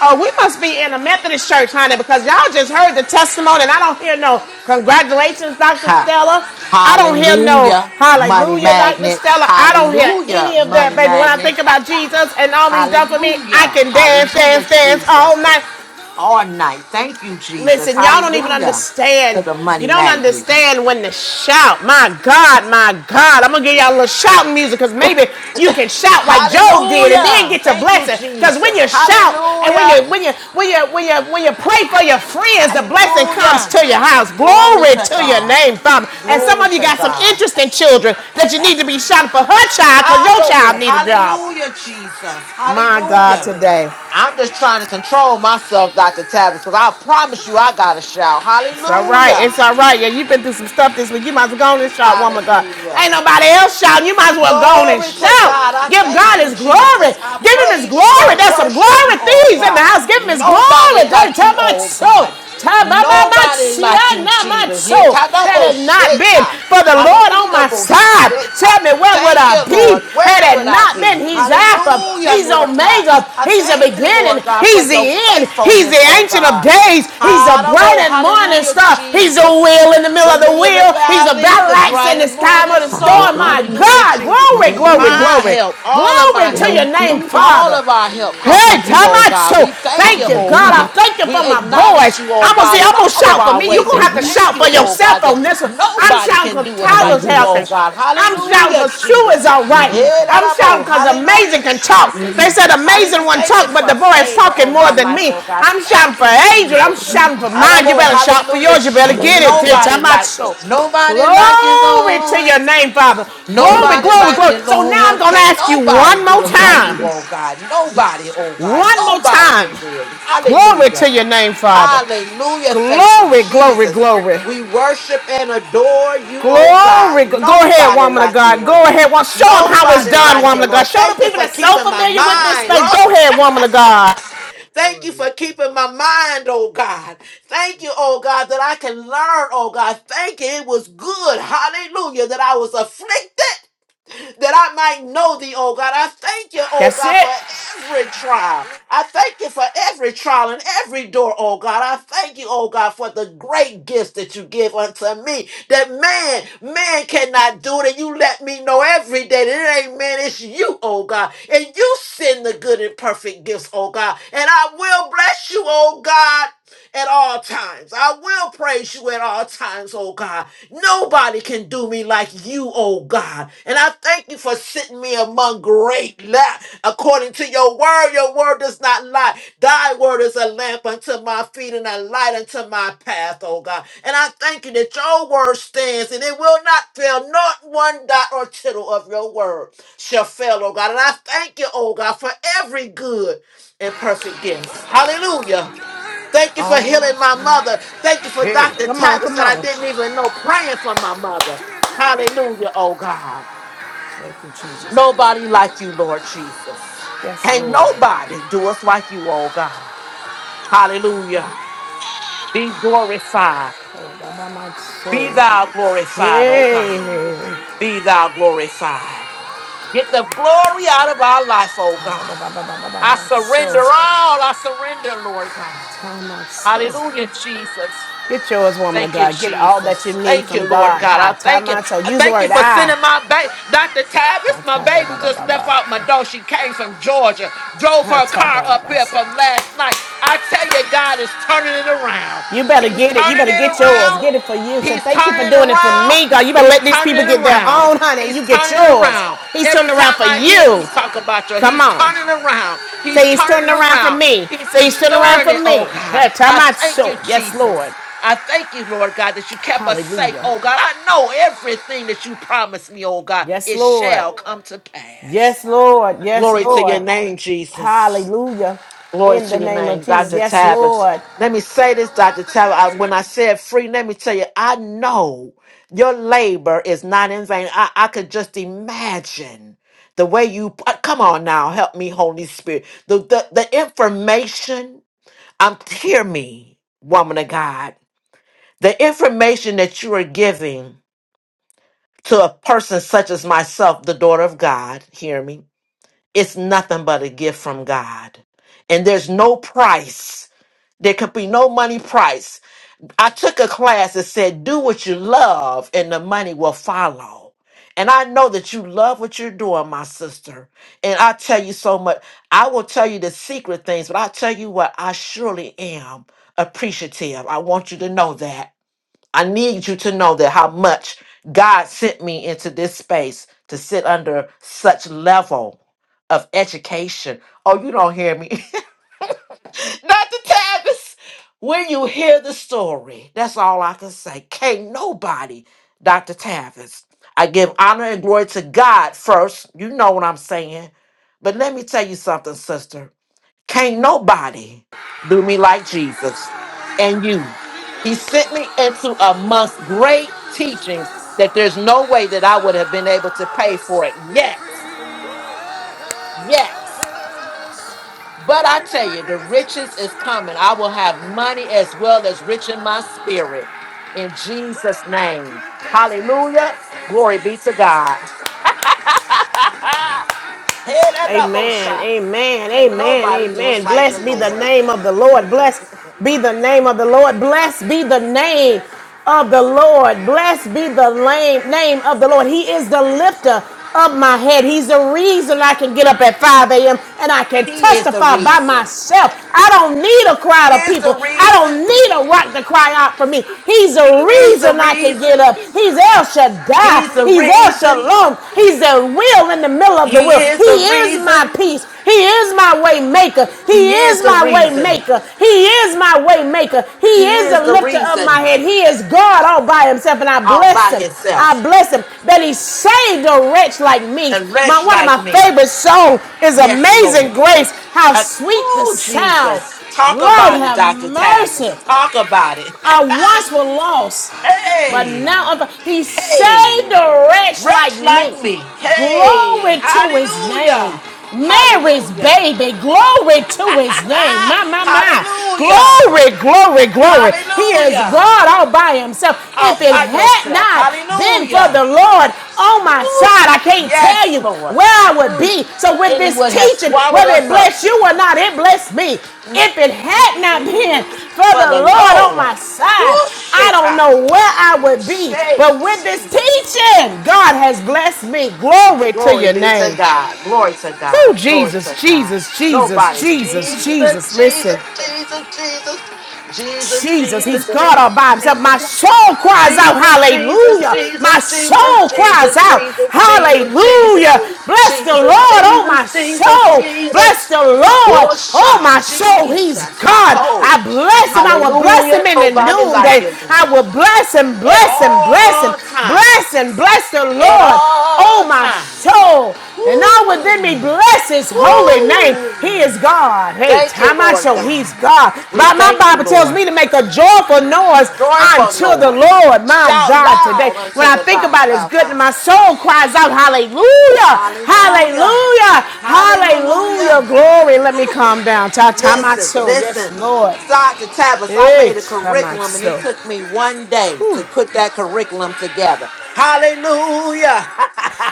Speaker 2: Oh, we must be in a Methodist church, honey, because y'all just heard the testimony, and I don't hear no congratulations, Dr.
Speaker 3: Ha.
Speaker 2: Stella. I don't hear no
Speaker 3: Hallelujah. Money
Speaker 2: hallelujah, Dr.
Speaker 3: magnet.
Speaker 2: Stella. I don't hear
Speaker 3: Hallelujah.
Speaker 2: any of that,
Speaker 3: Money
Speaker 2: baby. When I
Speaker 3: magnet.
Speaker 2: think about Jesus and all he's done for me, I
Speaker 3: Hallelujah.
Speaker 2: can dance, dance,
Speaker 3: Hallelujah,
Speaker 2: dance all
Speaker 3: Jesus.
Speaker 2: night.
Speaker 3: All night. Thank you, Jesus.
Speaker 2: Listen, y'all don't even
Speaker 3: Hallelujah. To
Speaker 2: understand.
Speaker 3: the money
Speaker 2: You don't
Speaker 3: magnet.
Speaker 2: understand when to shout. My God, my God. I'm going to give y'all a little shouting music because maybe you can shout like Job did and then
Speaker 3: Hallelujah.
Speaker 2: get your
Speaker 3: Thank you,
Speaker 2: blessing. Because when
Speaker 3: Jesus.
Speaker 2: you shout and when you,
Speaker 3: Hallelujah.
Speaker 2: when you, when you, when you, when you pray for your friends, the blessing comes
Speaker 3: Hallelujah.
Speaker 2: to your house.
Speaker 3: Glory
Speaker 2: Glory
Speaker 3: to
Speaker 2: to your
Speaker 3: God.
Speaker 2: name, Father. And some
Speaker 3: Glory
Speaker 2: of you
Speaker 3: to
Speaker 2: got some
Speaker 3: God.
Speaker 2: interesting children that you need to be shouting for her child because your child
Speaker 3: Adobo.
Speaker 2: need a job.
Speaker 3: Hallelujah, Jesus.
Speaker 2: My God,
Speaker 3: Hallelujah.
Speaker 2: today.
Speaker 3: I'm just trying to control myself, Dr. Tavis, because I promise you I got a shout.
Speaker 2: It's all right.
Speaker 3: Hallelujah.
Speaker 2: It's all right. Yeah, you've been through some stuff this week. You might as well go on and shout, woman of God.
Speaker 3: Hallelujah.
Speaker 2: Ain't nobody else shouting. You might as well go on and
Speaker 3: Glory to
Speaker 2: shout.
Speaker 3: God. I
Speaker 2: Give
Speaker 3: thank
Speaker 2: God
Speaker 3: you,
Speaker 2: his glory.
Speaker 3: Jesus. I
Speaker 2: Give him his
Speaker 3: praise you.
Speaker 2: glory.
Speaker 3: I
Speaker 2: There's some
Speaker 3: worship
Speaker 2: glory
Speaker 3: you, oh
Speaker 2: thieves in
Speaker 3: God.
Speaker 2: the house. Give him his
Speaker 3: Nobody
Speaker 2: glory. Dirty
Speaker 3: like
Speaker 2: tell
Speaker 3: you,
Speaker 2: my
Speaker 3: oh
Speaker 2: soul.
Speaker 3: God.
Speaker 2: Tell my, my, my,
Speaker 3: Nobody
Speaker 2: see,
Speaker 3: like you,
Speaker 2: not my
Speaker 3: Jesus.
Speaker 2: soul. Had it not been
Speaker 3: Hitadabosheta.
Speaker 2: for the Lord on my
Speaker 3: Hallelujah.
Speaker 2: side, tell me where would
Speaker 3: Thank
Speaker 2: I
Speaker 3: you,
Speaker 2: be?
Speaker 3: Lord. Where
Speaker 2: Had
Speaker 3: would
Speaker 2: it
Speaker 3: I
Speaker 2: not been,
Speaker 3: be?
Speaker 2: he's He's Alpha,
Speaker 3: Hallelujah,
Speaker 2: He's
Speaker 3: Lord God.
Speaker 2: Omega,
Speaker 3: I
Speaker 2: He's the
Speaker 3: thank you, Lord
Speaker 2: beginning,
Speaker 3: God, for
Speaker 2: He's the
Speaker 3: your
Speaker 2: end, He's
Speaker 3: faithfulness,
Speaker 2: the
Speaker 3: oh
Speaker 2: Ancient of
Speaker 3: God.
Speaker 2: Days, He's the bright
Speaker 3: Hallelujah!
Speaker 2: and morning
Speaker 3: Hallelujah,
Speaker 2: star, He's the
Speaker 3: Jesus
Speaker 2: wheel in the middle
Speaker 3: the
Speaker 2: of the
Speaker 3: lily of the
Speaker 2: wheel, He's the
Speaker 3: valley,
Speaker 2: battle
Speaker 3: the
Speaker 2: axe in
Speaker 3: grinding
Speaker 2: this time
Speaker 3: morning
Speaker 2: of the
Speaker 3: star.
Speaker 2: storm. My
Speaker 4: Hallelujah.
Speaker 3: Hallelujah,
Speaker 2: God,
Speaker 3: Jesus.
Speaker 2: glory, glory,
Speaker 4: Hallelujah.
Speaker 3: My
Speaker 2: glory,
Speaker 3: help, all of
Speaker 2: glory
Speaker 3: my
Speaker 4: Your
Speaker 2: to your
Speaker 3: help,
Speaker 4: name
Speaker 2: name,
Speaker 4: glory.
Speaker 3: all
Speaker 2: Father.
Speaker 3: of our help come
Speaker 2: Hey,
Speaker 3: from you, oh
Speaker 4: Hallelujah.
Speaker 3: God.
Speaker 2: Tamacho,
Speaker 3: We thank you,
Speaker 2: thank you,
Speaker 3: oh
Speaker 2: God. I
Speaker 3: God.
Speaker 4: Hallelujah.
Speaker 2: thank you
Speaker 3: We
Speaker 2: for my boys.
Speaker 3: acknowledge you, oh
Speaker 2: I'm gonna see,
Speaker 3: God, in
Speaker 2: I'm gonna
Speaker 3: all of
Speaker 2: shout for
Speaker 3: our
Speaker 2: me. You're
Speaker 3: ways.
Speaker 2: gonna
Speaker 3: And
Speaker 2: have to
Speaker 3: thank
Speaker 2: shout
Speaker 3: you,
Speaker 2: for
Speaker 4: Hallelujah.
Speaker 3: oh
Speaker 2: yourself
Speaker 3: God, that
Speaker 2: on this one. I'm
Speaker 3: nobody
Speaker 2: shouting
Speaker 3: can
Speaker 2: because
Speaker 3: do us like
Speaker 2: Tyler's
Speaker 3: you,
Speaker 4: Hallelujah.
Speaker 3: oh
Speaker 2: helping.
Speaker 3: God.
Speaker 2: I'm shouting
Speaker 3: Hallelujah,
Speaker 2: because Shu
Speaker 3: Jesus.
Speaker 2: is all right.
Speaker 3: Yeah,
Speaker 4: Hallelujah.
Speaker 2: I'm
Speaker 3: that I know.
Speaker 2: shouting because
Speaker 3: Hallelujah,
Speaker 2: Amazing can talk.
Speaker 3: Jesus.
Speaker 2: They said
Speaker 4: Hallelujah.
Speaker 2: Amazing
Speaker 3: Hallelujah.
Speaker 2: one
Speaker 3: Thank you
Speaker 2: talk, but
Speaker 3: for
Speaker 2: the boy is
Speaker 3: favor
Speaker 2: talking
Speaker 3: on
Speaker 2: more
Speaker 3: my
Speaker 2: than
Speaker 3: life,
Speaker 2: me.
Speaker 3: oh God.
Speaker 2: I'm shouting
Speaker 3: Thank
Speaker 2: for
Speaker 3: you,
Speaker 2: Adrian. I'm
Speaker 3: Jesus.
Speaker 2: shouting for mine. You
Speaker 3: Hallelujah,
Speaker 2: better shout for
Speaker 3: hallelujah,
Speaker 2: yours. You better
Speaker 3: Jesus.
Speaker 2: get it, dear
Speaker 3: Nobody like,
Speaker 2: Tamacho.
Speaker 3: nobody like you,
Speaker 2: Glory to
Speaker 3: Lord.
Speaker 2: your name, Father. Glory,
Speaker 3: Nobody
Speaker 4: Hallelujah.
Speaker 2: glory,
Speaker 3: like
Speaker 2: glory.
Speaker 3: you,
Speaker 2: So now I'm
Speaker 3: Lord.
Speaker 2: going to
Speaker 3: Can't
Speaker 2: ask you
Speaker 3: nobody
Speaker 2: one
Speaker 3: do
Speaker 2: more
Speaker 3: us like you,
Speaker 2: time.
Speaker 3: oh God.
Speaker 4: Hallelujah.
Speaker 3: Nobody, oh God.
Speaker 2: One more
Speaker 3: Nobody can
Speaker 2: time.
Speaker 3: do it.
Speaker 2: Glory to
Speaker 3: Hallelujah.
Speaker 2: your name, Father.
Speaker 3: Hallelujah. Thank you,
Speaker 2: Glory, glory,
Speaker 3: Jesus.
Speaker 2: glory.
Speaker 3: We worship and adore you, oh God.
Speaker 2: Glory. Go ahead,
Speaker 3: Nobody
Speaker 2: woman of
Speaker 3: like you,
Speaker 2: God. Go
Speaker 3: Lord.
Speaker 2: ahead. wo- Show them how it's
Speaker 3: Nobody
Speaker 2: done,
Speaker 3: like you,
Speaker 2: woman of God.
Speaker 3: Lord.
Speaker 2: Show
Speaker 3: Thank
Speaker 2: the
Speaker 3: you
Speaker 2: people
Speaker 3: for
Speaker 2: that's so
Speaker 3: keeping my
Speaker 2: familiar with this
Speaker 3: mind.
Speaker 2: space. Go ahead, woman of God.
Speaker 3: Thank you for keeping my mind, oh God. Thank you, oh God, that I can learn, oh God. Thank you. It was good. Hallelujah. That I was afflicted that I might know thee, oh God. I thank you, oh
Speaker 2: That's
Speaker 3: God,
Speaker 2: it.
Speaker 3: for every trial. I thank you for every trial and every door, oh God. I thank you, oh God, for the great gifts that you give unto me. That man, man cannot do it, and you let me know every day that it ain't man, it's you, oh God. And you send the good and perfect gifts, oh God. And I will bless you, oh God at all times. I will praise you at all times, oh God. Nobody can do me like you, oh God. And I thank you for sitting me among great la- according to your word. Your word does not lie. Thy word is a lamp unto my feet and a light unto my path, oh God. And I thank you that your word stands and it will not fail. Not one dot or tittle of your word shall fail, oh God. And I thank you, oh God, for every good and perfect gift. Hallelujah Thank you for
Speaker 2: Oh,
Speaker 3: healing my mother. Thank you for
Speaker 2: Hey,
Speaker 3: Dr.
Speaker 2: come on,
Speaker 3: Tavis
Speaker 2: come
Speaker 3: that
Speaker 2: on.
Speaker 3: I didn't even know praying for my mother. Hallelujah, oh God.
Speaker 2: Thank you, Jesus.
Speaker 3: Nobody like you, Lord Jesus.
Speaker 2: Yes,
Speaker 3: Can't
Speaker 2: Lord.
Speaker 3: nobody do us like you, oh God. Hallelujah. Be glorified.
Speaker 2: Oh, ba, ba, my
Speaker 3: Be
Speaker 2: soul.
Speaker 3: thou glorified, oh
Speaker 2: Hey.
Speaker 3: God. Be thou glorified. Get the glory out of our life, oh
Speaker 2: Ta, ba,
Speaker 3: God.
Speaker 2: ba, ba, ba, ba, ba, ba,
Speaker 3: I
Speaker 2: my soul.
Speaker 3: surrender all. I surrender, Lord God.
Speaker 2: Ta, my soul.
Speaker 3: Hallelujah, Jesus.
Speaker 2: Get yours, woman of
Speaker 3: Thank you,
Speaker 2: God. Get all that you
Speaker 3: Jesus.
Speaker 2: need
Speaker 3: Thank you,
Speaker 2: from
Speaker 3: Lord
Speaker 2: God.
Speaker 3: God. I
Speaker 2: Ha,
Speaker 3: thank you.
Speaker 2: tama. So
Speaker 3: I
Speaker 2: use the
Speaker 3: thank you
Speaker 2: word
Speaker 3: for
Speaker 2: I.
Speaker 3: sending my baby, Dr.
Speaker 2: Ha,
Speaker 3: Tavis. My
Speaker 2: ta, ba,
Speaker 3: baby
Speaker 2: ba,
Speaker 3: just
Speaker 2: ba, ba,
Speaker 3: left out my door.
Speaker 2: ba.
Speaker 3: She came from Georgia, drove
Speaker 2: Ha,
Speaker 3: her
Speaker 2: ta,
Speaker 3: car
Speaker 2: ba,
Speaker 3: up
Speaker 2: ba,
Speaker 3: here
Speaker 2: sa.
Speaker 3: from last night. I tell you, God is turning it around.
Speaker 2: You better
Speaker 3: He's
Speaker 2: get it. You
Speaker 3: turning
Speaker 2: better
Speaker 3: it
Speaker 2: get yours.
Speaker 3: around.
Speaker 2: Get it for you. So
Speaker 3: He's
Speaker 2: thank you
Speaker 3: turning
Speaker 2: for
Speaker 3: it
Speaker 2: doing it for
Speaker 3: around.
Speaker 2: me, God. You better
Speaker 3: He's
Speaker 2: let these
Speaker 3: turning
Speaker 2: people
Speaker 3: it
Speaker 2: get their
Speaker 3: around.
Speaker 2: own, honey, and
Speaker 3: He's
Speaker 2: you get
Speaker 3: turning it
Speaker 2: yours.
Speaker 3: around.
Speaker 2: He's
Speaker 3: Every
Speaker 2: turning around
Speaker 3: time
Speaker 2: for
Speaker 3: I hear you
Speaker 2: you.
Speaker 3: talk about your,
Speaker 2: Come
Speaker 3: he's
Speaker 2: on.
Speaker 3: turning it around. He's
Speaker 2: Say he's
Speaker 3: turning
Speaker 2: turning
Speaker 3: it
Speaker 2: around for
Speaker 3: around.
Speaker 2: me.
Speaker 3: He's
Speaker 2: Say he's turning around
Speaker 3: restoring
Speaker 2: for
Speaker 3: it,
Speaker 2: me.
Speaker 3: oh God.
Speaker 2: Ha,
Speaker 3: I
Speaker 2: tama,
Speaker 3: thank
Speaker 2: so.
Speaker 3: you,
Speaker 2: Yes, Lord.
Speaker 3: Jesus. I thank you, Lord God, that you kept us safe.
Speaker 2: Hallelujah.
Speaker 3: Oh God, I know everything that you promised me, oh God, it
Speaker 2: Yes,
Speaker 3: Yes,
Speaker 2: Lord.
Speaker 3: shall come to pass.
Speaker 2: Yes, Lord. Yes,
Speaker 3: Glory to your
Speaker 2: Lord.
Speaker 3: name, Jesus.
Speaker 2: Hallelujah.
Speaker 3: Glory
Speaker 2: In the
Speaker 3: to your
Speaker 2: name of
Speaker 3: name,
Speaker 2: Jesus.
Speaker 3: Dr.
Speaker 2: Yes,
Speaker 3: Tavis.
Speaker 2: Lord.
Speaker 3: Let me say this, Dr. Tavis. I- When I said free, let me tell you, I know your labor is not in vain. I, I could just imagine the way you uh, come on now, help me, Holy Spirit. The the, the information, I'm hear me, woman of God the information that you are giving to a person such as myself, the daughter of God, hear me, it's nothing but a gift from God. And there's no price. There could be no money price. I took a class that said, do what you love and the money will follow. And I know that you love what you're doing, my sister. And I tell you so much. I will tell you the secret things, but I tell you what, I surely am appreciative. I want you to know that. I need you to know that how much God sent me into this space to sit under such level of education. Oh, you don't hear me. Dr. Tavis, when you hear the story, that's all I can say. Can't nobody, Dr. Tavis. I give honor and glory to God first. You know what I'm saying. But let me tell you something, sister. Can't nobody do me like Jesus and you. He sent me into amongst great teachings that there's no way that I would have been able to pay for it. Yes, yes. But I tell you, the riches is coming. I will have money as well as rich in my spirit. In Jesus' name. Hallelujah. Glory be to God. Head at the
Speaker 2: Amen.
Speaker 3: bullshot.
Speaker 2: Amen.
Speaker 3: Can't
Speaker 2: Amen.
Speaker 3: nobody do us
Speaker 2: Amen.
Speaker 3: like the
Speaker 2: Blessed be the
Speaker 3: Lord.
Speaker 2: name of the Lord. Blessed be the name of the Lord. Blessed be the name of the Lord. Blessed be the lame- name of the Lord. He is the lifter of my head. He's the reason I can get up at 5 a.m. and I can
Speaker 3: He is the
Speaker 2: testify by
Speaker 3: reason.
Speaker 2: myself. I don't need a
Speaker 3: He
Speaker 2: crowd of
Speaker 3: is
Speaker 2: people.
Speaker 3: the
Speaker 2: I
Speaker 3: reason.
Speaker 2: don't need a rock to cry out for me. He's the
Speaker 3: He is the
Speaker 2: reason I can get
Speaker 3: reason.
Speaker 2: up. He's El
Speaker 3: He's
Speaker 2: Shaddai.
Speaker 3: the
Speaker 2: He's El
Speaker 3: reason.
Speaker 2: Shalom. He's the will in the middle of
Speaker 3: He
Speaker 2: the will.
Speaker 3: is
Speaker 2: He
Speaker 3: the
Speaker 2: is my
Speaker 3: reason.
Speaker 2: peace. He is my way maker. He
Speaker 3: He is
Speaker 2: is
Speaker 3: the
Speaker 2: my way
Speaker 3: reason.
Speaker 2: maker. He is my way maker. He
Speaker 3: He
Speaker 2: is the
Speaker 3: is the
Speaker 2: lifter of my
Speaker 3: reason
Speaker 2: head. He is God all by himself, and I
Speaker 3: all
Speaker 2: bless
Speaker 3: by
Speaker 2: him. I
Speaker 3: himself.
Speaker 2: bless him that he saved a wretch like me.
Speaker 3: A
Speaker 2: My
Speaker 3: wretch
Speaker 2: one of
Speaker 3: like
Speaker 2: my
Speaker 3: me.
Speaker 2: favorite songs is
Speaker 3: Yes, Lord.
Speaker 2: Amazing Grace. How
Speaker 3: Uh,
Speaker 2: sweet the
Speaker 3: oh,
Speaker 2: sound.
Speaker 3: Jesus. Talk
Speaker 2: Lord
Speaker 3: about it,
Speaker 2: have
Speaker 3: Dr.
Speaker 2: mercy.
Speaker 3: Tavis. Talk about it.
Speaker 2: I once was lost, but
Speaker 3: hey,
Speaker 2: now I'm. He saved
Speaker 3: hey,
Speaker 2: a wretch like
Speaker 3: wretch
Speaker 2: me.
Speaker 3: like me. Hey,
Speaker 2: Glory to his name.
Speaker 3: hallelujah.
Speaker 2: Mary's
Speaker 3: Hallelujah.
Speaker 2: baby, glory to his name. My, my, my.
Speaker 3: Hallelujah.
Speaker 2: Glory, glory, glory. He is
Speaker 3: Hallelujah.
Speaker 2: God all by himself. If
Speaker 3: All
Speaker 2: it
Speaker 3: by
Speaker 2: had
Speaker 3: yourself.
Speaker 2: not been for the
Speaker 3: Hallelujah.
Speaker 2: Lord on
Speaker 3: Woo.
Speaker 2: my side, I can't tell
Speaker 3: Yes,
Speaker 2: you
Speaker 3: Lord.
Speaker 2: where I would
Speaker 3: Mm.
Speaker 2: be. So, with this
Speaker 3: Anyone has
Speaker 2: teaching,
Speaker 3: swallowed
Speaker 2: whether it
Speaker 3: us up
Speaker 2: bless you or not, it blessed me.
Speaker 3: Mm,
Speaker 2: If it had not been for
Speaker 3: for the
Speaker 2: the Lord on my
Speaker 3: Lord.
Speaker 2: side, I don't
Speaker 3: Woo-shita.
Speaker 2: know where I would be.
Speaker 3: Say,
Speaker 2: But with this
Speaker 3: Jesus.
Speaker 2: teaching, God has blessed me. Glory to
Speaker 3: Glory
Speaker 2: your
Speaker 3: be to
Speaker 2: name.
Speaker 3: God. Glory to
Speaker 2: Oh,
Speaker 3: God. Glory to
Speaker 2: Jesus,
Speaker 3: God.
Speaker 2: Jesus, Jesus,
Speaker 3: Nobody.
Speaker 2: Jesus,
Speaker 3: Jesus,
Speaker 2: Jesus.
Speaker 3: Jesus,
Speaker 2: Listen.
Speaker 3: Jesus, Jesus, Jesus, Jesus,
Speaker 2: Jesus, he's God
Speaker 3: Jesus,
Speaker 2: all by himself. My
Speaker 3: Jesus.
Speaker 2: soul cries out,
Speaker 3: Jesus, Jesus,
Speaker 2: hallelujah. My
Speaker 3: Jesus, Jesus,
Speaker 2: soul
Speaker 3: Jesus,
Speaker 2: cries out,
Speaker 3: Jesus, Jesus,
Speaker 2: hallelujah. Bless the
Speaker 3: Jesus, Jesus,
Speaker 2: Lord, oh
Speaker 3: Jesus,
Speaker 2: my
Speaker 3: Jesus,
Speaker 2: soul. Bless
Speaker 3: Jesus.
Speaker 2: the Lord, oh
Speaker 3: Osha,
Speaker 2: my soul. He's
Speaker 3: Jesus,
Speaker 2: God.
Speaker 3: Taco.
Speaker 2: I bless him. I will bless him
Speaker 3: Hallelujah.
Speaker 2: in the
Speaker 3: Nobody like
Speaker 2: noonday.
Speaker 3: you, Lord.
Speaker 2: I will bless him,
Speaker 3: At
Speaker 2: bless him, bless him,
Speaker 3: all times.
Speaker 2: bless him, bless the
Speaker 3: At
Speaker 2: Lord.
Speaker 3: all
Speaker 2: Oh, my
Speaker 3: times.
Speaker 2: soul, and all within me,
Speaker 3: Woo.
Speaker 2: bless his holy name. He is
Speaker 3: Woo.
Speaker 2: God. Hey,
Speaker 3: Thank you,
Speaker 2: time I
Speaker 3: Lord
Speaker 2: show he's
Speaker 3: God.
Speaker 2: God.
Speaker 3: We
Speaker 2: But my
Speaker 3: thank you,
Speaker 2: Bible tells
Speaker 3: Lord.
Speaker 2: me to make a joyful noise
Speaker 3: Joyful
Speaker 2: unto the
Speaker 3: noise.
Speaker 2: Lord, my
Speaker 3: Shout
Speaker 2: God, today.
Speaker 3: loud
Speaker 2: When
Speaker 3: unto
Speaker 2: I
Speaker 3: the
Speaker 2: think
Speaker 3: God,
Speaker 2: about his
Speaker 3: our
Speaker 2: goodness,
Speaker 3: God.
Speaker 2: my soul cries out, Hallelujah,
Speaker 3: Hallelujah.
Speaker 2: Hallelujah, Hallelujah,
Speaker 3: Hallelujah.
Speaker 2: glory. Let me
Speaker 3: Woo.
Speaker 2: calm down. Ta ta my
Speaker 3: Listen,
Speaker 2: soul. Yes,
Speaker 3: listen.
Speaker 2: Lord.
Speaker 3: Start to Tabas. I
Speaker 2: Hey,
Speaker 3: made a
Speaker 2: time I
Speaker 3: curriculum and it
Speaker 2: show.
Speaker 3: took me one day to put that curriculum together. Hallelujah.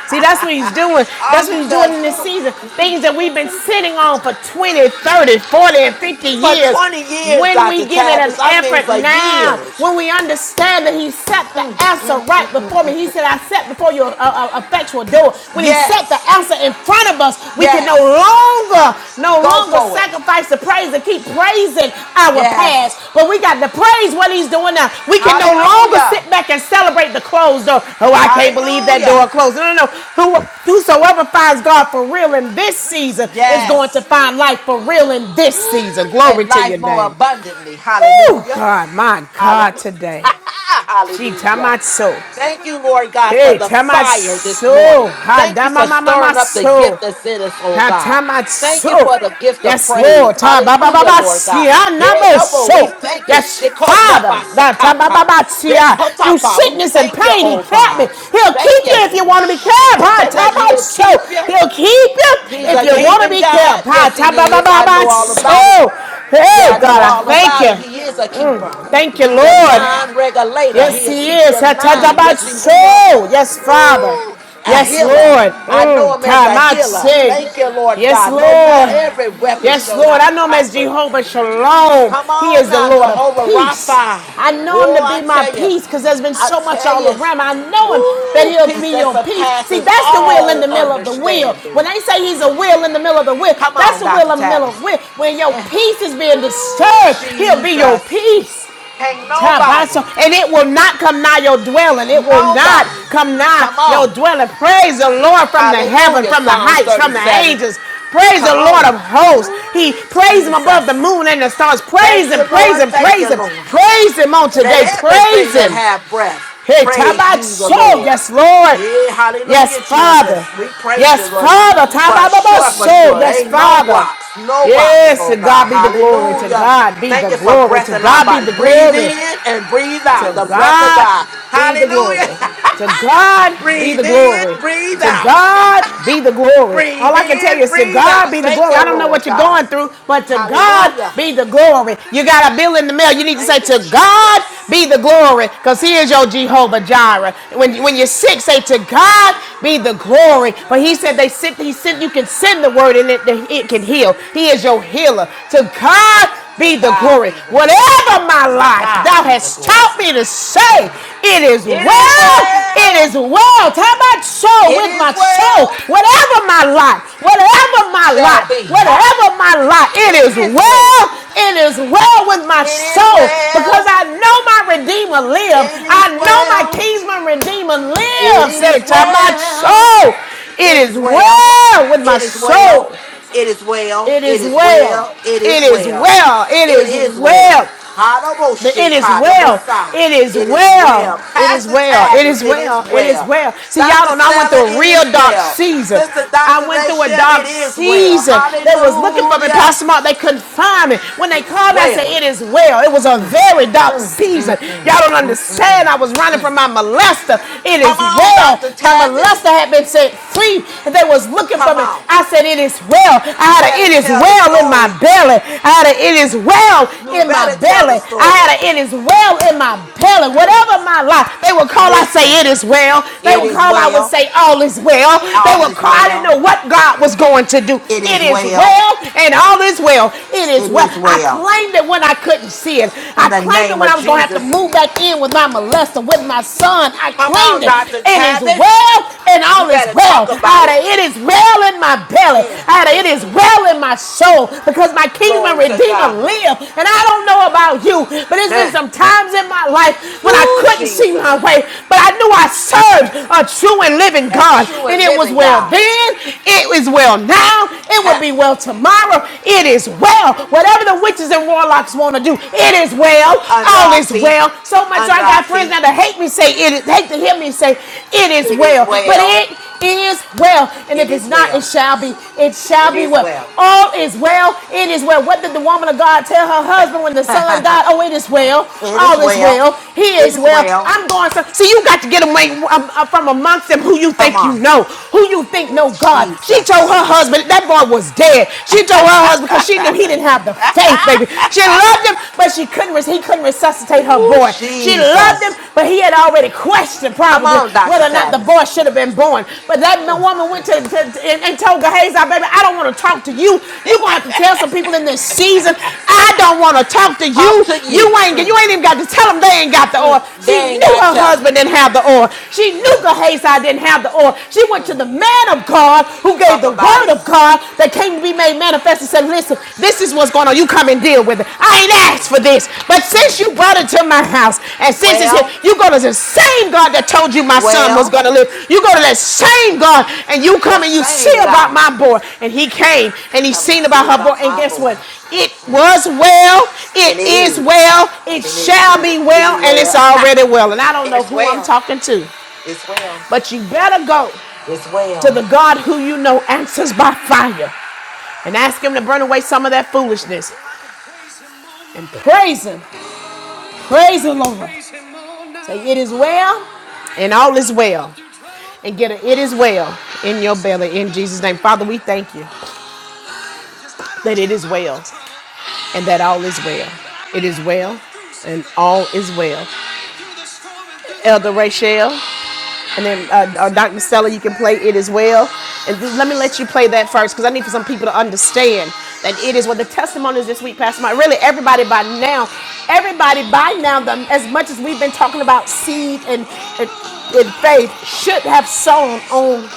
Speaker 2: See, that's what he's doing.
Speaker 3: All
Speaker 2: That's what he's doing
Speaker 3: because
Speaker 2: in this season. Things that we've been sitting on for 20, 30, 40, and 50
Speaker 3: for
Speaker 2: years.
Speaker 3: 20 years,
Speaker 2: When
Speaker 3: Dr.
Speaker 2: we give it
Speaker 3: Tabas,
Speaker 2: an
Speaker 3: I mean
Speaker 2: effort
Speaker 3: for
Speaker 2: now,
Speaker 3: years.
Speaker 2: when we understand that he set the answer
Speaker 3: Mm,
Speaker 2: right before me, he said, I set before you a, a, a effectual door. When he set the
Speaker 3: Yes,
Speaker 2: answer in front of us, we can no
Speaker 3: yes.
Speaker 2: longer no
Speaker 3: Go
Speaker 2: longer
Speaker 3: for it.
Speaker 2: sacrifice the praise and keep praising our past,
Speaker 3: Yes.
Speaker 2: but we got to praise what he's doing now. We can no longer
Speaker 3: Hallelujah.
Speaker 2: sit back and celebrate the closed door. Oh, I can't believe that door
Speaker 3: Hallelujah.
Speaker 2: closed. No, no, no. Who, whosoever finds God for real in this season is going to
Speaker 3: Yes.
Speaker 2: find life for real in this season.
Speaker 3: Woo!
Speaker 2: Glory
Speaker 3: and
Speaker 2: to your
Speaker 3: life more
Speaker 2: name.
Speaker 3: abundantly.
Speaker 2: Oh,
Speaker 3: Hallelujah.
Speaker 2: God, my God,
Speaker 3: Hallelujah.
Speaker 2: today. She
Speaker 3: Hallelujah.
Speaker 2: tamaso.
Speaker 3: Thank you, Lord God, for
Speaker 2: Hey,
Speaker 3: the fire this morning.
Speaker 2: tamaso. Ha
Speaker 3: Thank you for stirring up the
Speaker 2: damamamaso.
Speaker 3: gift that's in us, oh
Speaker 2: Ha
Speaker 3: God. Thank you for
Speaker 2: tamaso.
Speaker 3: the gift of
Speaker 2: Yes,
Speaker 3: praise.
Speaker 2: Lord. Ta ba ba ba
Speaker 3: Hallelujah,
Speaker 2: ba
Speaker 3: Lord God.
Speaker 2: siya
Speaker 3: Hey, number, we
Speaker 2: namoso.
Speaker 3: thank you.
Speaker 2: Yes, Father. that ta ba ba
Speaker 3: Shikodrabasakata.
Speaker 2: ba siya. Through
Speaker 3: Dekotapa. We
Speaker 2: sickness and
Speaker 3: thank you,
Speaker 2: pain, He
Speaker 3: oh
Speaker 2: kept me.
Speaker 3: God.
Speaker 2: He'll
Speaker 3: Thank
Speaker 2: keep you
Speaker 3: you.
Speaker 2: if you want to be
Speaker 3: Shit,
Speaker 2: kept. Ha ta
Speaker 3: that
Speaker 2: ba
Speaker 3: he'll
Speaker 2: so.
Speaker 3: keep you.
Speaker 2: He'll keep you
Speaker 3: He's
Speaker 2: if
Speaker 3: a
Speaker 2: you want to
Speaker 3: keeping
Speaker 2: be
Speaker 3: God.
Speaker 2: kept. Ha
Speaker 3: Yes,
Speaker 2: ta ba
Speaker 3: he
Speaker 2: ba
Speaker 3: is.
Speaker 2: ba
Speaker 3: I
Speaker 2: ba
Speaker 3: know all about it.
Speaker 2: so. Hey,
Speaker 3: Yeah, I know
Speaker 2: God, I
Speaker 3: all
Speaker 2: thank
Speaker 3: about it.
Speaker 2: you.
Speaker 3: He is a keeper.
Speaker 2: Mm, Thank you,
Speaker 3: He's a
Speaker 2: Lord.
Speaker 3: mind regulator.
Speaker 2: Yes,
Speaker 3: He'll
Speaker 2: He
Speaker 3: keep
Speaker 2: is.
Speaker 3: your mind.
Speaker 2: Hatadabat
Speaker 3: Yes, he will.
Speaker 2: soul. Yes, Father.
Speaker 3: Ooh, a
Speaker 2: Yes,
Speaker 3: healer.
Speaker 2: Lord.
Speaker 3: I know
Speaker 2: Mm.
Speaker 3: him as a healer.
Speaker 2: Tamatse.
Speaker 3: Thank you, Lord
Speaker 2: Yes,
Speaker 3: God. No matter
Speaker 2: Lord.
Speaker 3: every weapon
Speaker 2: Yes,
Speaker 3: shall
Speaker 2: Lord. I
Speaker 3: not
Speaker 2: know Him as
Speaker 3: prosper.
Speaker 2: Jehovah Shalom.
Speaker 3: Come
Speaker 2: He
Speaker 3: on
Speaker 2: is the
Speaker 3: now,
Speaker 2: Lord of
Speaker 3: Jehovah
Speaker 2: peace.
Speaker 3: Rapha.
Speaker 2: I know Him
Speaker 3: Oh,
Speaker 2: to
Speaker 3: I
Speaker 2: be my
Speaker 3: tell you,
Speaker 2: peace because there's been
Speaker 3: I
Speaker 2: so much
Speaker 3: tell
Speaker 2: all
Speaker 3: you,
Speaker 2: around. I know Him that
Speaker 3: ooh,
Speaker 2: He'll
Speaker 3: peace
Speaker 2: be
Speaker 3: that
Speaker 2: your peace. See,
Speaker 3: surpasses
Speaker 2: that's the wheel in
Speaker 3: all
Speaker 2: the middle of the wheel. When
Speaker 3: understanding.
Speaker 2: they say He's a wheel in the middle of the wheel,
Speaker 3: Come
Speaker 2: that's
Speaker 3: on,
Speaker 2: the wheel
Speaker 3: Dr.
Speaker 2: in the middle of the
Speaker 3: Tavis.
Speaker 2: wheel. When your
Speaker 3: Eh,
Speaker 2: peace is being
Speaker 3: Ooh,
Speaker 2: disturbed, He'll be your
Speaker 3: Jesus.
Speaker 2: peace.
Speaker 3: Can't
Speaker 2: Tabaso,
Speaker 3: nobody.
Speaker 2: and it will not come nigh your dwelling. It will not
Speaker 3: Nobody.
Speaker 2: come nigh
Speaker 3: Come
Speaker 2: your
Speaker 3: on.
Speaker 2: dwelling. Praise the Lord from the heaven,
Speaker 3: Hallelujah.
Speaker 2: from the
Speaker 3: Psalms
Speaker 2: heights, from the
Speaker 3: 37.
Speaker 2: angels. Praise the
Speaker 3: Come
Speaker 2: Lord of
Speaker 3: on.
Speaker 2: hosts.
Speaker 3: Ooh,
Speaker 2: He praise him above the
Speaker 3: Jesus.
Speaker 2: moon and the stars.
Speaker 3: Thank
Speaker 2: Praise him,
Speaker 3: you,
Speaker 2: praise
Speaker 3: Lord.
Speaker 2: him,
Speaker 3: Thank
Speaker 2: praise
Speaker 3: you,
Speaker 2: him,
Speaker 3: Lord.
Speaker 2: praise him on
Speaker 3: Let
Speaker 2: today. Praise
Speaker 3: everything that
Speaker 2: him.
Speaker 3: have breath
Speaker 2: Hey,
Speaker 3: praise you, the
Speaker 2: Tabaso,
Speaker 3: Lord.
Speaker 2: yes, Lord.
Speaker 3: Yeah,
Speaker 2: Yes,
Speaker 3: hallelujah,
Speaker 2: Father.
Speaker 3: Jesus. We praise you,
Speaker 2: Yes,
Speaker 3: Lord.
Speaker 2: Father.
Speaker 3: For sure, for
Speaker 2: Tabababaso,
Speaker 3: sure.
Speaker 2: yes,
Speaker 3: Ain't no
Speaker 2: Father.
Speaker 3: rocks, no rocks,
Speaker 2: Yes, to
Speaker 3: oh God.
Speaker 2: God be the glory. To
Speaker 3: Hallelujah.
Speaker 2: God be the
Speaker 3: Thank you for
Speaker 2: glory.
Speaker 3: breath
Speaker 2: To
Speaker 3: in our
Speaker 2: God be
Speaker 3: body.
Speaker 2: the
Speaker 3: Breathe
Speaker 2: glory.
Speaker 3: in and breathe out
Speaker 2: To
Speaker 3: the breath of
Speaker 2: God
Speaker 3: God.
Speaker 2: be the
Speaker 3: Hallelujah.
Speaker 2: glory. To God be the
Speaker 3: breathe in,
Speaker 2: glory.
Speaker 3: breathe
Speaker 2: To
Speaker 3: out.
Speaker 2: God be the glory. All
Speaker 3: breathe
Speaker 2: I can tell you
Speaker 3: in,
Speaker 2: is to
Speaker 3: breathe
Speaker 2: God
Speaker 3: out.
Speaker 2: be the
Speaker 3: Thank
Speaker 2: glory. I
Speaker 3: you,
Speaker 2: don't know
Speaker 3: Lord
Speaker 2: what you're
Speaker 3: God.
Speaker 2: going through, but to God
Speaker 3: Hallelujah.
Speaker 2: be the glory. You got a bill in the mail. You need to
Speaker 3: Thank
Speaker 2: say,
Speaker 3: you,
Speaker 2: To God
Speaker 3: Jesus.
Speaker 2: be the glory, because He is your Jehovah Jireh. When, when you're sick, say, To God be the glory. But He said, they sent, He sent, You can send the word and it, it can heal. He is your healer. To God
Speaker 3: To
Speaker 2: be the
Speaker 3: God
Speaker 2: glory.
Speaker 3: be the glory.
Speaker 2: Whatever my
Speaker 3: To
Speaker 2: lot
Speaker 3: God
Speaker 2: thou
Speaker 3: be the
Speaker 2: hast
Speaker 3: glory.
Speaker 2: taught me to say, it is
Speaker 3: It is
Speaker 2: well, it
Speaker 3: well.
Speaker 2: is well. How about so
Speaker 3: It
Speaker 2: with
Speaker 3: is
Speaker 2: my soul?
Speaker 3: well
Speaker 2: Whatever my lot, whatever my
Speaker 3: shall
Speaker 2: lot,
Speaker 3: be. Ha.
Speaker 2: whatever my lot, it is
Speaker 3: It is
Speaker 2: well,
Speaker 3: well.
Speaker 2: it is well with my
Speaker 3: It is
Speaker 2: soul because
Speaker 3: well.
Speaker 2: I know my Redeemer lives.
Speaker 3: It is
Speaker 2: I know my
Speaker 3: well.
Speaker 2: Kingsman Redeemer
Speaker 3: It
Speaker 2: lives. Say,
Speaker 3: is
Speaker 2: to my
Speaker 3: well.
Speaker 2: soul, it
Speaker 3: It
Speaker 2: is
Speaker 3: is well.
Speaker 2: well with my
Speaker 3: It is well.
Speaker 2: soul.
Speaker 3: It is well.
Speaker 2: It
Speaker 3: It
Speaker 2: is
Speaker 3: is well.
Speaker 2: well.
Speaker 3: It is
Speaker 2: It is
Speaker 3: well.
Speaker 2: well. It
Speaker 3: It
Speaker 2: is
Speaker 3: is well.
Speaker 2: well. The it is well.
Speaker 3: Hadaboshetadabosai.
Speaker 2: It is
Speaker 3: It is
Speaker 2: well.
Speaker 3: well.
Speaker 2: It is
Speaker 3: Pastor
Speaker 2: well. It
Speaker 3: Tavis,
Speaker 2: is
Speaker 3: it is
Speaker 2: well. It is
Speaker 3: well.
Speaker 2: well. See, y'all
Speaker 3: Dr.
Speaker 2: don't know. I went
Speaker 3: Stella,
Speaker 2: through a
Speaker 3: it is
Speaker 2: real dark
Speaker 3: well.
Speaker 2: season.
Speaker 3: Sister
Speaker 2: I
Speaker 3: Dr.
Speaker 2: went through
Speaker 3: Rachel,
Speaker 2: a
Speaker 3: it
Speaker 2: dark
Speaker 3: is well.
Speaker 2: season. They was looking for me,
Speaker 3: Hallelujah.
Speaker 2: Pastor Mark. They couldn't find me. When they
Speaker 3: It is
Speaker 2: called me, I said,
Speaker 3: well.
Speaker 2: It is well. It was a very dark
Speaker 3: Mm, mm,
Speaker 2: season.
Speaker 3: mm,
Speaker 2: Y'all don't
Speaker 3: mm, mm,
Speaker 2: understand.
Speaker 3: mm,
Speaker 2: I was running
Speaker 3: mm.
Speaker 2: from my molester. It
Speaker 3: Come
Speaker 2: is
Speaker 3: on,
Speaker 2: well.
Speaker 3: Dr.
Speaker 2: My
Speaker 3: Tavis.
Speaker 2: molester had been set free, and they was looking for
Speaker 3: Come
Speaker 2: me.
Speaker 3: on.
Speaker 2: I said, It is well. I
Speaker 3: You
Speaker 2: had a it
Speaker 3: better
Speaker 2: is well
Speaker 3: tell the
Speaker 2: well in my
Speaker 3: story.
Speaker 2: belly. I had an it is well
Speaker 3: You
Speaker 2: in my
Speaker 3: better tell the
Speaker 2: belly. I had
Speaker 3: story.
Speaker 2: an it is well in my belly.
Speaker 3: Mm.
Speaker 2: Whatever my life, they would call, I
Speaker 3: Listen,
Speaker 2: say it is well. They
Speaker 3: it
Speaker 2: would
Speaker 3: is
Speaker 2: call, I would
Speaker 3: well.
Speaker 2: say all is well. They
Speaker 3: All
Speaker 2: would
Speaker 3: is
Speaker 2: call, I didn't
Speaker 3: well.
Speaker 2: know what God was going to do.
Speaker 3: It
Speaker 2: It
Speaker 3: is
Speaker 2: is
Speaker 3: well.
Speaker 2: well and all is well. It is
Speaker 3: It
Speaker 2: well.
Speaker 3: is
Speaker 2: I
Speaker 3: well.
Speaker 2: claimed it when I couldn't see it.
Speaker 3: In
Speaker 2: I
Speaker 3: the
Speaker 2: claimed it
Speaker 3: name
Speaker 2: when I
Speaker 3: of
Speaker 2: was going to have to
Speaker 3: Jesus.
Speaker 2: move back in with my molester, with my son. I
Speaker 3: Come
Speaker 2: claimed
Speaker 3: on,
Speaker 2: it.
Speaker 3: Dr.
Speaker 2: It is
Speaker 3: Tavis.
Speaker 2: well and
Speaker 3: You
Speaker 2: all is is
Speaker 3: better
Speaker 2: well.
Speaker 3: talk about it.
Speaker 2: it is well in my belly.
Speaker 3: Mm,
Speaker 2: it
Speaker 3: mm,
Speaker 2: is
Speaker 3: mm.
Speaker 2: well in my soul because my King and
Speaker 3: Glory to
Speaker 2: redeemer
Speaker 3: God.
Speaker 2: live. And I don't know about you, but there's been
Speaker 3: Mm.
Speaker 2: some times in my life when I
Speaker 3: Ooh,
Speaker 2: couldn't see my
Speaker 3: Jesus.
Speaker 2: way, but I knew I served a true and living
Speaker 3: a
Speaker 2: God.
Speaker 3: true
Speaker 2: And
Speaker 3: and
Speaker 2: it was
Speaker 3: living
Speaker 2: well
Speaker 3: God.
Speaker 2: then, it is well now, it will be well tomorrow. It is well. Whatever the witches and warlocks want to do, it is well.
Speaker 3: under
Speaker 2: All
Speaker 3: our
Speaker 2: is
Speaker 3: feet,
Speaker 2: well. So much so
Speaker 3: under
Speaker 2: I got
Speaker 3: our
Speaker 2: my friends
Speaker 3: feet.
Speaker 2: now to hate me say it is, hate to hear me say it is
Speaker 3: It is
Speaker 2: well. But
Speaker 3: well.
Speaker 2: it is well. And
Speaker 3: It
Speaker 2: if it's
Speaker 3: is
Speaker 2: not, it
Speaker 3: well.
Speaker 2: shall be. It shall
Speaker 3: It
Speaker 2: be
Speaker 3: is
Speaker 2: well.
Speaker 3: well.
Speaker 2: All is well. It is well. What did the woman of God tell her
Speaker 3: Say,
Speaker 2: husband when the son
Speaker 3: it
Speaker 2: died? Oh, it is well.
Speaker 3: is
Speaker 2: All is
Speaker 3: well.
Speaker 2: well. He
Speaker 3: It
Speaker 2: is
Speaker 3: is
Speaker 2: well.
Speaker 3: well.
Speaker 2: I'm going to. See, you got to get away um, uh, from amongst them who you
Speaker 3: Come
Speaker 2: think you
Speaker 3: on,
Speaker 2: know, who you think know God. She told her
Speaker 3: Jesus.
Speaker 2: husband that boy was dead. She told her husband because she knew he didn't have the faith faith, baby. She loved him, but she couldn't. res- He couldn't resuscitate her
Speaker 3: Ooh,
Speaker 2: boy. She loved him,
Speaker 3: Jesus.
Speaker 2: but he had already questioned
Speaker 3: Come
Speaker 2: probably
Speaker 3: on, Doctor
Speaker 2: whether or not the
Speaker 3: Tavis.
Speaker 2: boy should have been born. But that woman went to, to- to- and, and told Gehazi, "Baby, I don't want to talk to you. You're gonna have to tell some people in this season. I don't want to talk to
Speaker 3: Talk
Speaker 2: you.
Speaker 3: to
Speaker 2: You
Speaker 3: you.
Speaker 2: ain't you
Speaker 3: Mm,
Speaker 2: ain't even got to tell them they ain't got the
Speaker 3: mm.
Speaker 2: oil."
Speaker 3: They
Speaker 2: She
Speaker 3: ain't
Speaker 2: knew
Speaker 3: gotta
Speaker 2: her
Speaker 3: tell them.
Speaker 2: husband didn't have the oil. She knew
Speaker 3: Mm,
Speaker 2: Gehazi didn't have the oil. She went to
Speaker 3: mm.
Speaker 2: the man of God who gave
Speaker 3: Talk
Speaker 2: the
Speaker 3: about
Speaker 2: word
Speaker 3: it.
Speaker 2: of God that came to be made manifest and said, Listen, this is
Speaker 3: Mm,
Speaker 2: what's going on. You come and deal with it. I ain't asked
Speaker 3: mm,
Speaker 2: for this. But since
Speaker 3: mm.
Speaker 2: you brought it to my house and since it's here,
Speaker 3: Well,
Speaker 2: you go to the same God that told you my son was
Speaker 3: well,
Speaker 2: going to live. You go to that same God and you
Speaker 3: the
Speaker 2: come and you see
Speaker 3: same
Speaker 2: about
Speaker 3: God.
Speaker 2: my boy. And he came and he
Speaker 3: Come and
Speaker 2: seen
Speaker 3: see
Speaker 2: about her boy.
Speaker 3: about
Speaker 2: And
Speaker 3: my
Speaker 2: guess
Speaker 3: boy.
Speaker 2: what? It
Speaker 3: Mm.
Speaker 2: was well, it
Speaker 3: And it
Speaker 2: is
Speaker 3: is.
Speaker 2: well, it
Speaker 3: And it is.
Speaker 2: shall be
Speaker 3: be
Speaker 2: well, and it's
Speaker 3: well.
Speaker 2: already well. And I don't know
Speaker 3: it's
Speaker 2: who I'm
Speaker 3: well.
Speaker 2: talking to,
Speaker 3: It's well.
Speaker 2: but you better go
Speaker 3: It's
Speaker 2: to
Speaker 3: well.
Speaker 2: the God who you know answers by fire and ask him to burn away some of that foolishness. Praise him. Praise the Lord. Say, it is well and all is well. And get a it is well in your belly in Jesus' name. Father, we thank you that it is well and that all is well. It is well and all is well. Elder Rachel. And then uh, uh, Dr. Stella, you can play it as well. And let me let you play that first because I need for some people to understand that it is what the testimonies this week, Pastor Mike. Really, everybody by now, everybody by now, the, as much as we've been talking about seed and, and, and faith, should have sown on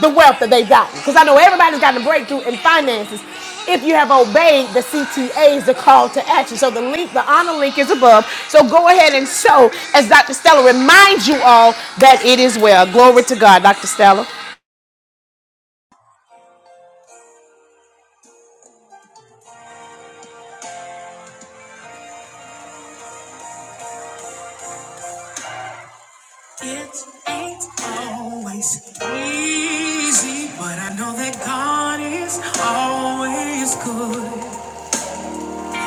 Speaker 2: the wealth that they've gotten. Because I know everybody's gotten a breakthrough in finances if you have obeyed the CTAs, the call to action. So the link, the honor link is above. So go ahead and sow as Dr. Stella reminds you all that it is well. Glory to God, Dr. Stella.
Speaker 1: It ain't always easy, but I know that God is always good.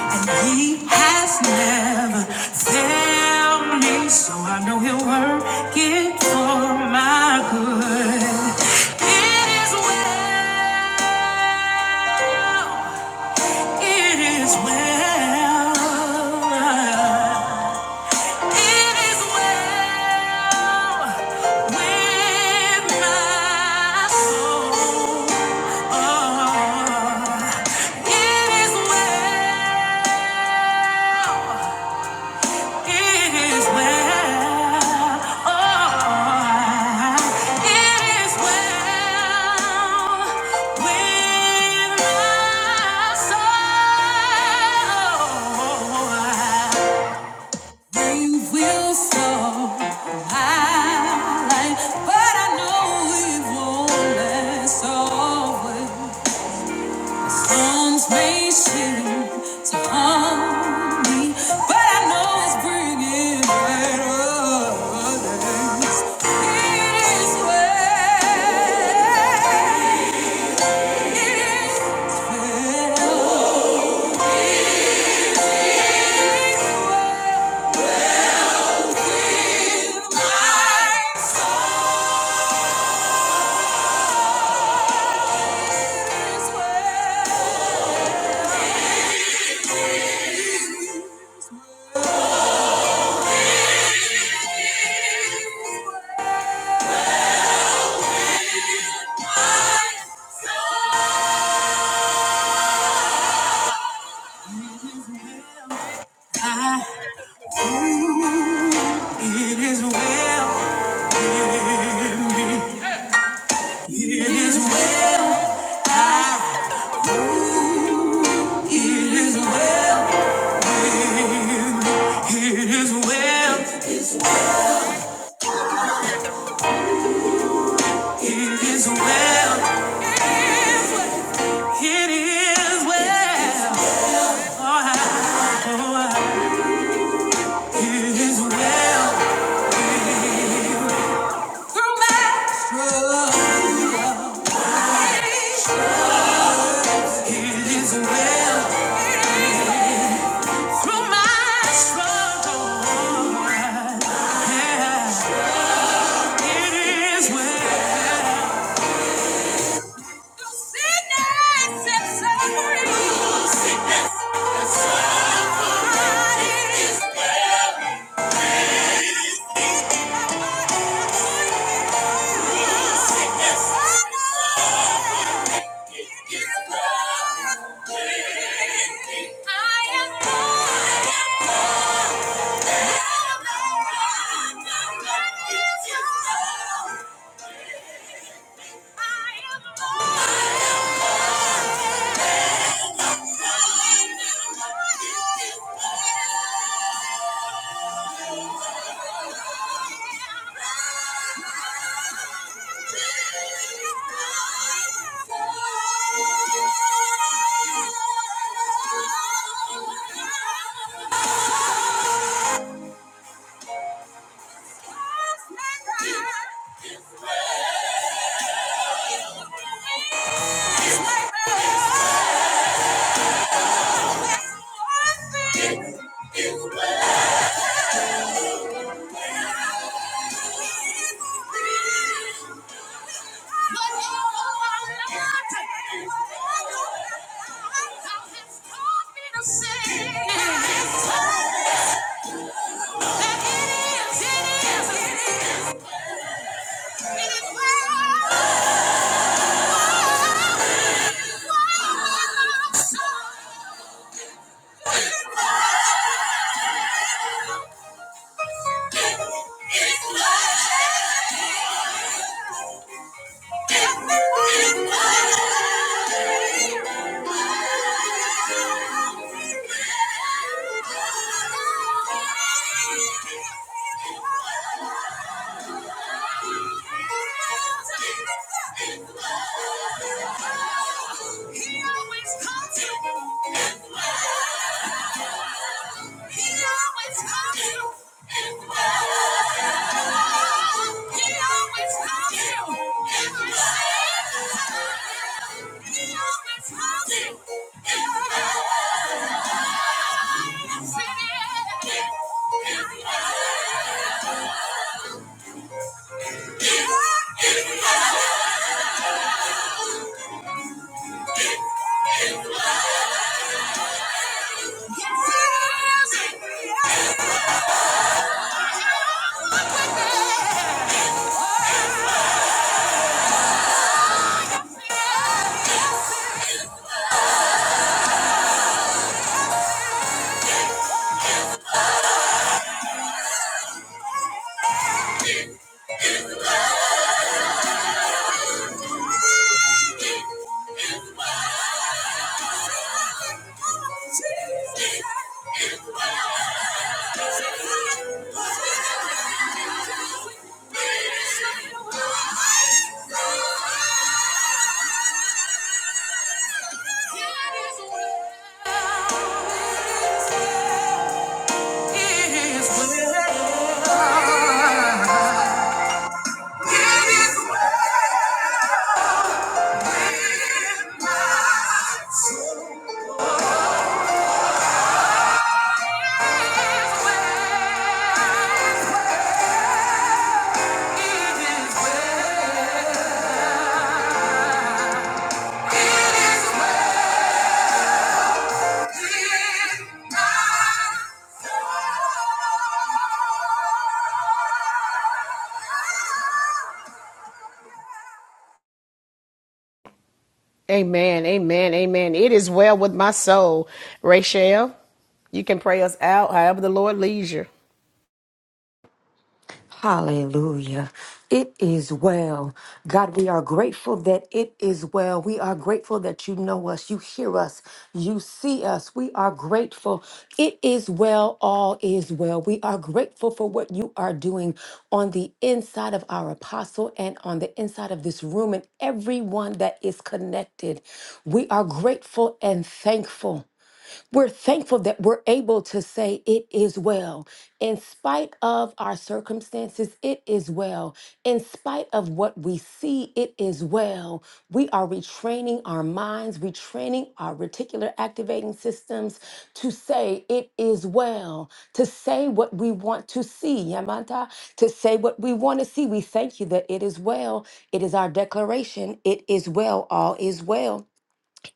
Speaker 1: And He has never failed me, so I know He'll work it for my good. It is well, it is well. It is well with my soul. Oh, it is well. It is well. Oh, it is well with my soul. They will stop my but I know it won't last always. Storms may shift to harm me, but I know it's bringing better It is well. It is well. It is well. It is well, it is well, it is well. Oh, I, oh, I, it is well. Through my struggle, sickness and free. I know it is well. I am born. I am born. I am born. It is well. Thank you. It is Sing. Thank you. He always comes through. He always comes through. He always comes through. He always comes through. Yes, it is. Yes, it is. It is
Speaker 2: Amen, amen, amen. It is well with my soul. Rachel, you can pray us out however the Lord leads you.
Speaker 4: you see us. We are grateful. It is well, all is well. We are grateful for what you are doing on the inside of our apostle and on the inside of this room and everyone that is connected. We are grateful and thankful. We're thankful that we're able to say, It is well. In spite of our circumstances, it is well. In spite of what we see, it is well. We are retraining our minds, retraining our reticular activating systems to say, It is well, to say what we want to see, Yamanta, to say what we want to see. We thank you that it is well. It is our declaration. It is well. All is well.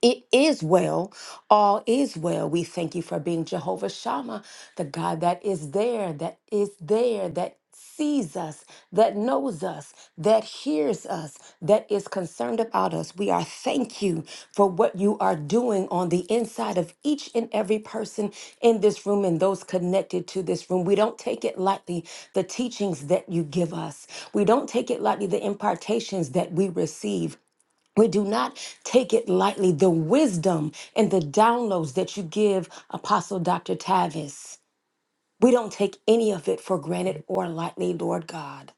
Speaker 4: It is well. All is well. We thank you for being Jehovah Shammah, the God that is there, that is there, that sees us, that knows us, that hears us, that is concerned about us. We are thank you for what you are doing on the inside of each and every person in this room and those connected to this room. We don't take it lightly the teachings that you give us. We don't take it lightly the impartations that we receive. We do not take it lightly, the wisdom and the downloads that you give Apostle Dr. Tavis. We don't take any of it for granted or lightly, Lord God.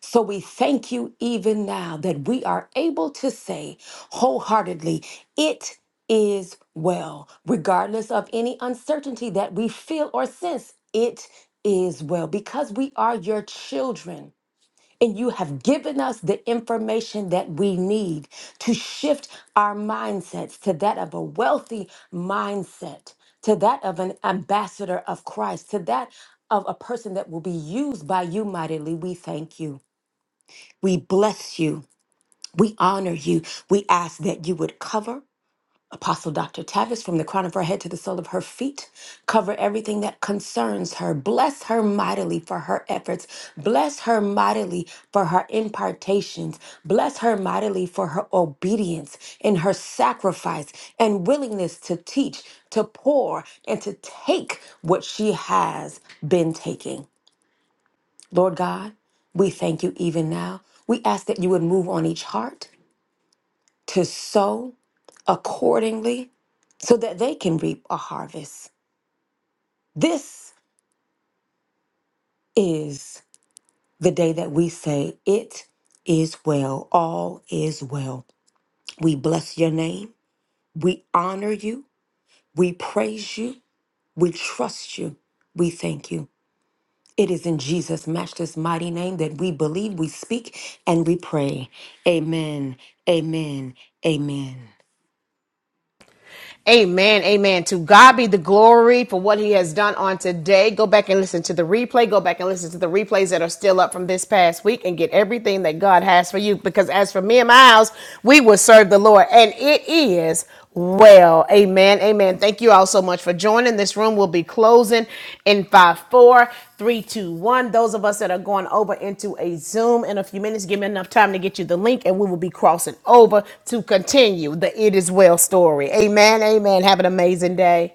Speaker 4: So we thank you even now that we are able to say wholeheartedly, it is well, regardless of any uncertainty that we feel or sense, it is well, because we are your children. And you have given us the information that we need to shift our mindsets to that of a wealthy mindset, to that of an ambassador of Christ, to that of a person that will be used by you mightily. We thank you. We bless you. We honor you. We ask that you would cover Apostle Dr. Tavis, from the crown of her head to the sole of her feet, cover everything that concerns her. Bless her mightily for her efforts. Bless her mightily for her impartations. Bless her mightily for her obedience and her sacrifice and willingness to teach, to pour, and to take what she has been taking. Lord God, we thank you even now. We ask that you would move on each heart to sow accordingly so that they can reap a harvest. This is the day that we say, It is well, all is well. We bless your name, we honor you, we praise you, we trust you, we thank you. It is in Jesus' matchless mighty name that we believe, we speak, and we pray. Amen, amen, amen.
Speaker 2: Amen. Amen. To God be the glory for what he has done on today. Go back and listen to the replay. Go back and listen to the replays that are still up from this past week and get everything that God has for you. Because as for me and my house, we will serve the Lord. And it is well. Amen. Amen. Amen. Thank you all so much for joining. This room will be closing in five, four, three, two, one. Those of us that are going over into a Zoom in a few minutes, give me enough time to get you the link, and we will be crossing over to continue the It Is Well story. Amen. Amen. Have an amazing day.